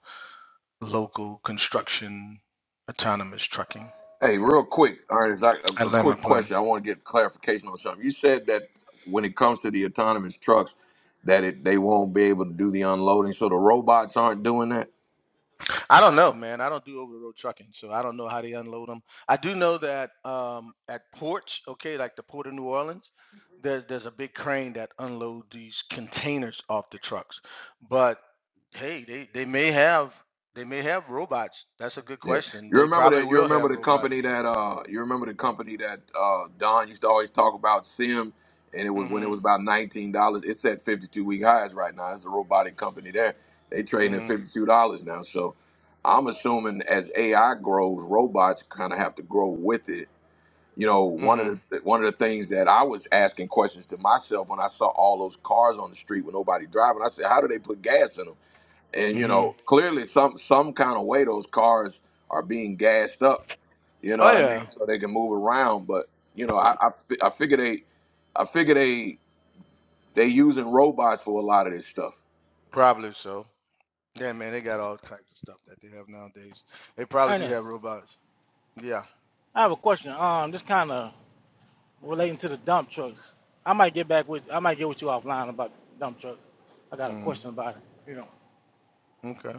S12: local construction autonomous trucking.
S1: Hey, real quick, Ernest, I, a,
S12: I
S1: a
S12: land my
S1: quick
S12: plane.
S1: question. I want to get clarification on something. You said that when it comes to the autonomous trucks, that it they won't be able to do the unloading, so the robots aren't doing that.
S12: I don't know, man. I don't do over the road trucking, so I don't know how they unload them. I do know that um, at ports, okay, like the port of New Orleans, there's there's a big crane that unload these containers off the trucks. But hey, they they may have they may have robots. That's a good
S1: Yeah,
S12: question.
S1: you
S12: They
S1: remember
S12: probably
S1: that? You
S12: will
S1: remember
S12: have
S1: the company
S12: robots.
S1: that uh, you remember the company that uh, Don used to always talk about Sim, and it was when it
S12: Mm-hmm.
S1: was about nineteen dollars. It's at fifty two week highs right now. It's a robotic company there. They trading at fifty
S12: Mm-hmm.
S1: two dollars now. So I'm assuming as AI grows, robots kind of have to grow with it. You know, one of
S12: Mm-hmm.
S1: the one of the things that I was asking questions to myself when I saw all those cars on the street with nobody driving, I said, how do they put gas in them? and you
S12: Mm-hmm.
S1: know clearly some some kind of way those cars are being gassed up you know what
S12: Oh
S1: i mean
S12: yeah,
S1: so they can move around but you know i i, fi- I figure they i figure they they using robots for a lot of this stuff
S12: probably so. Yeah, man, they got all types of stuff that they have nowadays. They probably do have
S16: Ernest,
S12: robots. Yeah.
S16: I have a question. Um, just kind of relating to the dump trucks. I might get back with I might get with you offline about the dump truck. I got a
S12: Mm,
S16: question about it. You know.
S12: okay.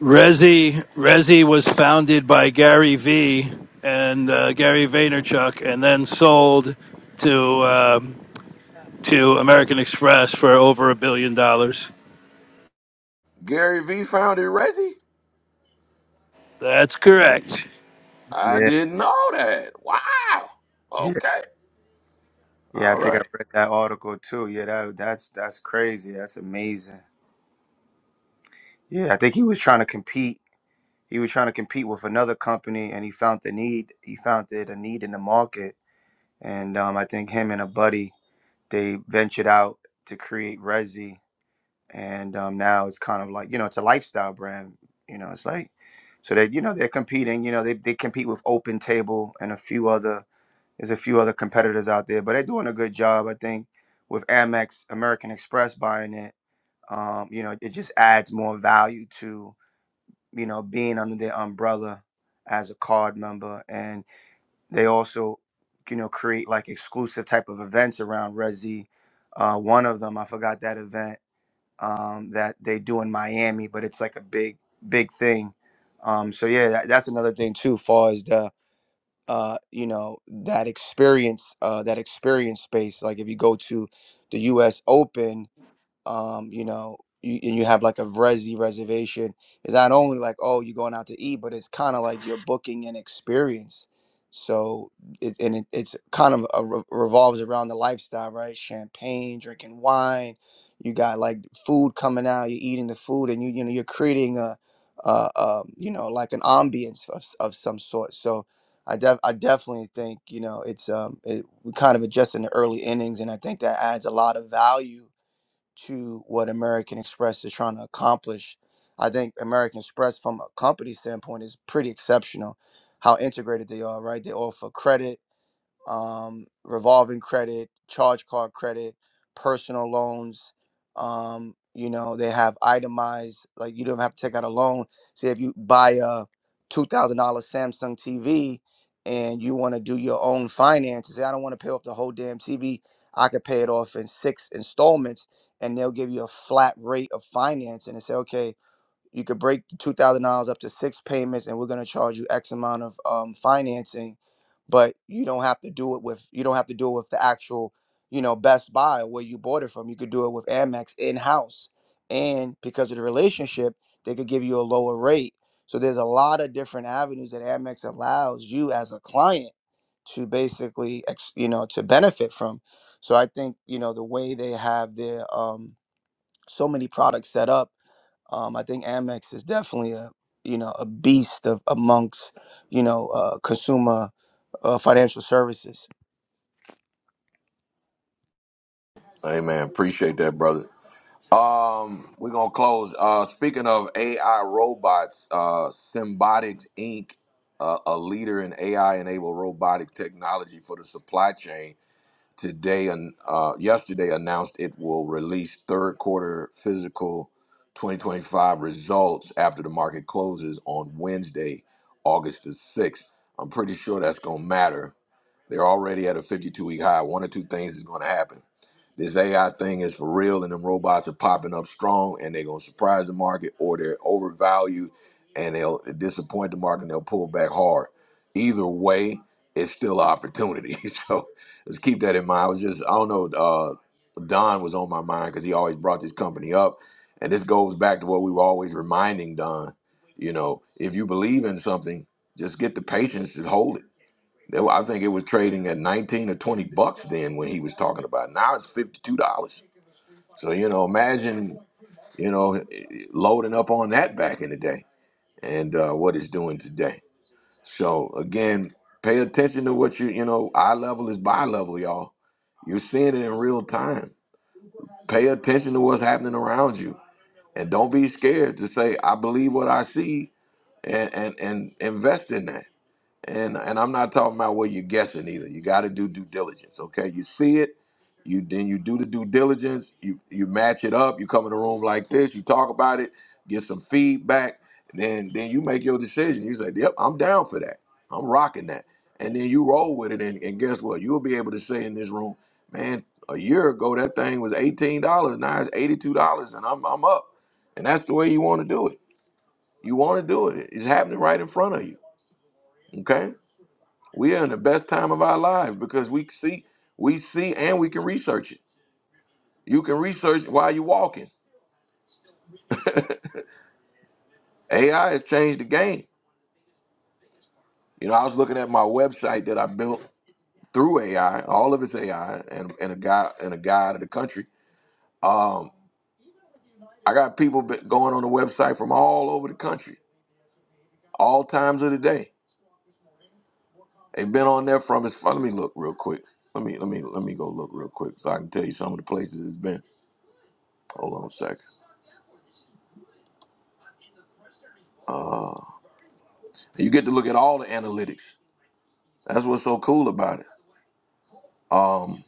S11: Resi Resi was founded by Gary Vee and uh, Gary Vaynerchuk, and then sold to um to American Express for over a billion dollars.
S1: gary v founded resi
S11: That's correct.
S1: i
S15: Yeah.
S1: didn't know that wow okay
S15: Yeah, I
S1: all
S15: think I
S1: right
S15: read that article too. Yeah, that that's that's crazy. That's amazing. Yeah, I think he was trying to compete. He was trying to compete with another company, and he found the need. He found it a need in the market, and um, I think him and a buddy they ventured out to create Resi, and um, now it's kind of like you know it's a lifestyle brand. You know, it's like so that you know they're competing. You know, they they compete with Open Table and a few other There's a few other competitors out there, but they're doing a good job. I think with Amex, American Express buying it, um, you know, it just adds more value to you know being under their umbrella as a card member, and they also, you know, create like exclusive type of events around Resi. Uh, one of them, I forgot that event um, that they do in Miami, but it's like a big, big thing. Um, so yeah, that, that's another thing too, far as the uh, you know that experience uh, that experience space like if you go to the us open um, you know, you, and you have like a resi reservation, it's not only like, oh, you're going out to eat, but it's kind of like you're booking an experience. So, it, and it, it's kind of a, re- revolves around the lifestyle, right? Champagne, drinking wine, you got like food coming out, you're eating the food, and you you know you're creating a, uh, um, you know, like an ambience of, s- of some sort. So, I def I definitely think you know it's um it, we're kind of just in the early innings, and I think that adds a lot of value to what American Express is trying to accomplish. I think American Express, from a company standpoint, is pretty exceptional. How integrated they are, right? They offer credit, um, revolving credit, charge card credit, personal loans. Um, you know, they have itemized, like you don't have to take out a loan. Say if you buy a $2,000 Samsung TV and you want to do your own finances, say, I don't want to pay off the whole damn TV. I could pay it off in six installments and they'll give you a flat rate of finance and they say, okay, you could break the two thousand dollars up to six payments, and we're gonna charge you X amount of um, financing, but you don't have to do it with you don't have to do it with the actual, you know, Best Buy or where you bought it from. You could do it with Amex in house, and because of the relationship, they could give you a lower rate. So there's a lot of different avenues that Amex allows you as a client to basically, ex- you know, to benefit from. So I think you know the way they have their um, so many products set up um, I think Amex is definitely a you know a beast of amongst you know uh, consumer uh, financial services.
S1: hey man appreciate that brother Um, we're gonna close. Uh, speaking of AI robots, uh, Symbotics Inc., uh, a leader in AI-enabled robotic technology for the supply chain, today and uh, yesterday announced it will release third quarter physical 2025 results after the market closes on Wednesday, August the 6th. I'm pretty sure that's gonna matter they're already at a 52 week high. One or two things is going to happen. This AI thing is for real, and them robots are popping up strong, and they're going to surprise the market, or they're overvalued, and they'll disappoint the market, and they'll pull back hard. Either way, it's still an opportunity. so let's keep that in mind. I was just, I don't know, uh, Don was on my mind because he always brought this company up, and this goes back to what we were always reminding Don. You know, if you believe in something, just get the patience to hold it they were, I think it was trading at 19 or 20 bucks then when he was talking about. it. Now it's $52. So, you know, imagine, you know, eh, eh, loading up on that back in the day and uh, what it's doing today. So, again, pay attention to what you, you know, eye level is bi level, y'all. You're seeing it in real time. Pay attention to what's happening around you and don't be scared to say, I believe what I see and, and, and invest in that and and I'm not talking about where you're guessing either. You got to do due diligence. Okay, you see it, you then you do the due diligence. You you match it up. You come in the room like this. You talk about it. Get some feedback. Then then you make your decision. You say, "Yep, I'm down for that. I'm rocking that." And then you roll with it. And, and guess what? You'll be able to say in this room, "Man, a year ago that thing was eighteen dollars. Now it's eighty-two dollars, and I'm I'm up." And that's the way you want to do it. You want to do it. It's happening right in front of you. Okay. We are in the best time of our lives because we see, we see, and we can research it. You can research while you're walking. AI has changed the game. You know, I was looking at my website that I built through AI. All of it's AI, and, and a guy and a guide of the country. Um, I got people be- going on the website from all over the country, all times of the day. They've been on there from. As far, let me look real quick. Let me let me let me go look real quick so I can tell you some of the places it's been. Hold on a second. Uh, You get to look at all the analytics. That's what's so cool about it. Um,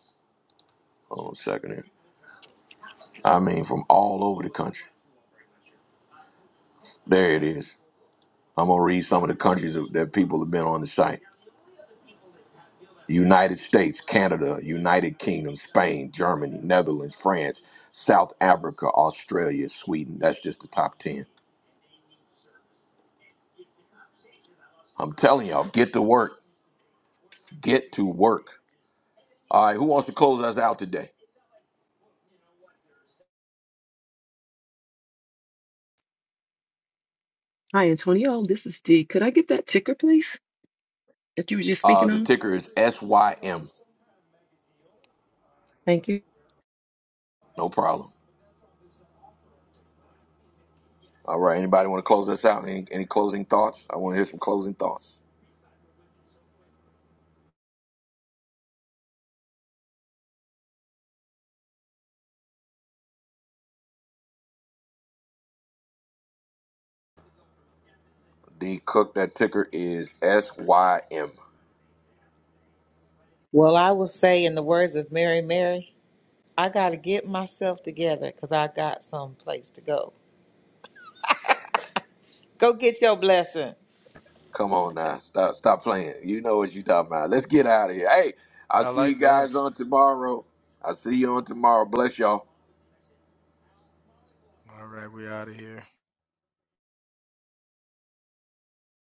S1: hold on a second here. I mean, from all over the country. There it is. I'm gonna read some of the countries that that people have been on the site: United States, Canada, United Kingdom, Spain, Germany, Netherlands, France, South Africa, Australia, Sweden. That's just the top ten. I'm telling y'all, get to work. Get to work. All right, who wants to close us out today?
S10: Hi, Antonio. This is Dee. Could I get that ticker, please, that you were just
S1: Uh,
S10: speaking
S1: the
S10: on?
S1: ticker is SYM.
S10: Thank you.
S1: No problem. All right. Anybody want to close this out? Any, any closing thoughts? I want to hear some closing thoughts. D Cook, that ticker is SYM.
S6: Well, I will say, in the words of Mary Mary, I gotta get myself together because I got some place to go. Go get your blessing.
S1: Come on now. Stop stop playing. You know what you talking about. Let's get out of here. Hey, I'll
S12: I
S1: see you
S12: like that.
S1: guys on tomorrow. I'll see you on tomorrow. Bless y'all.
S12: All right, we out of here.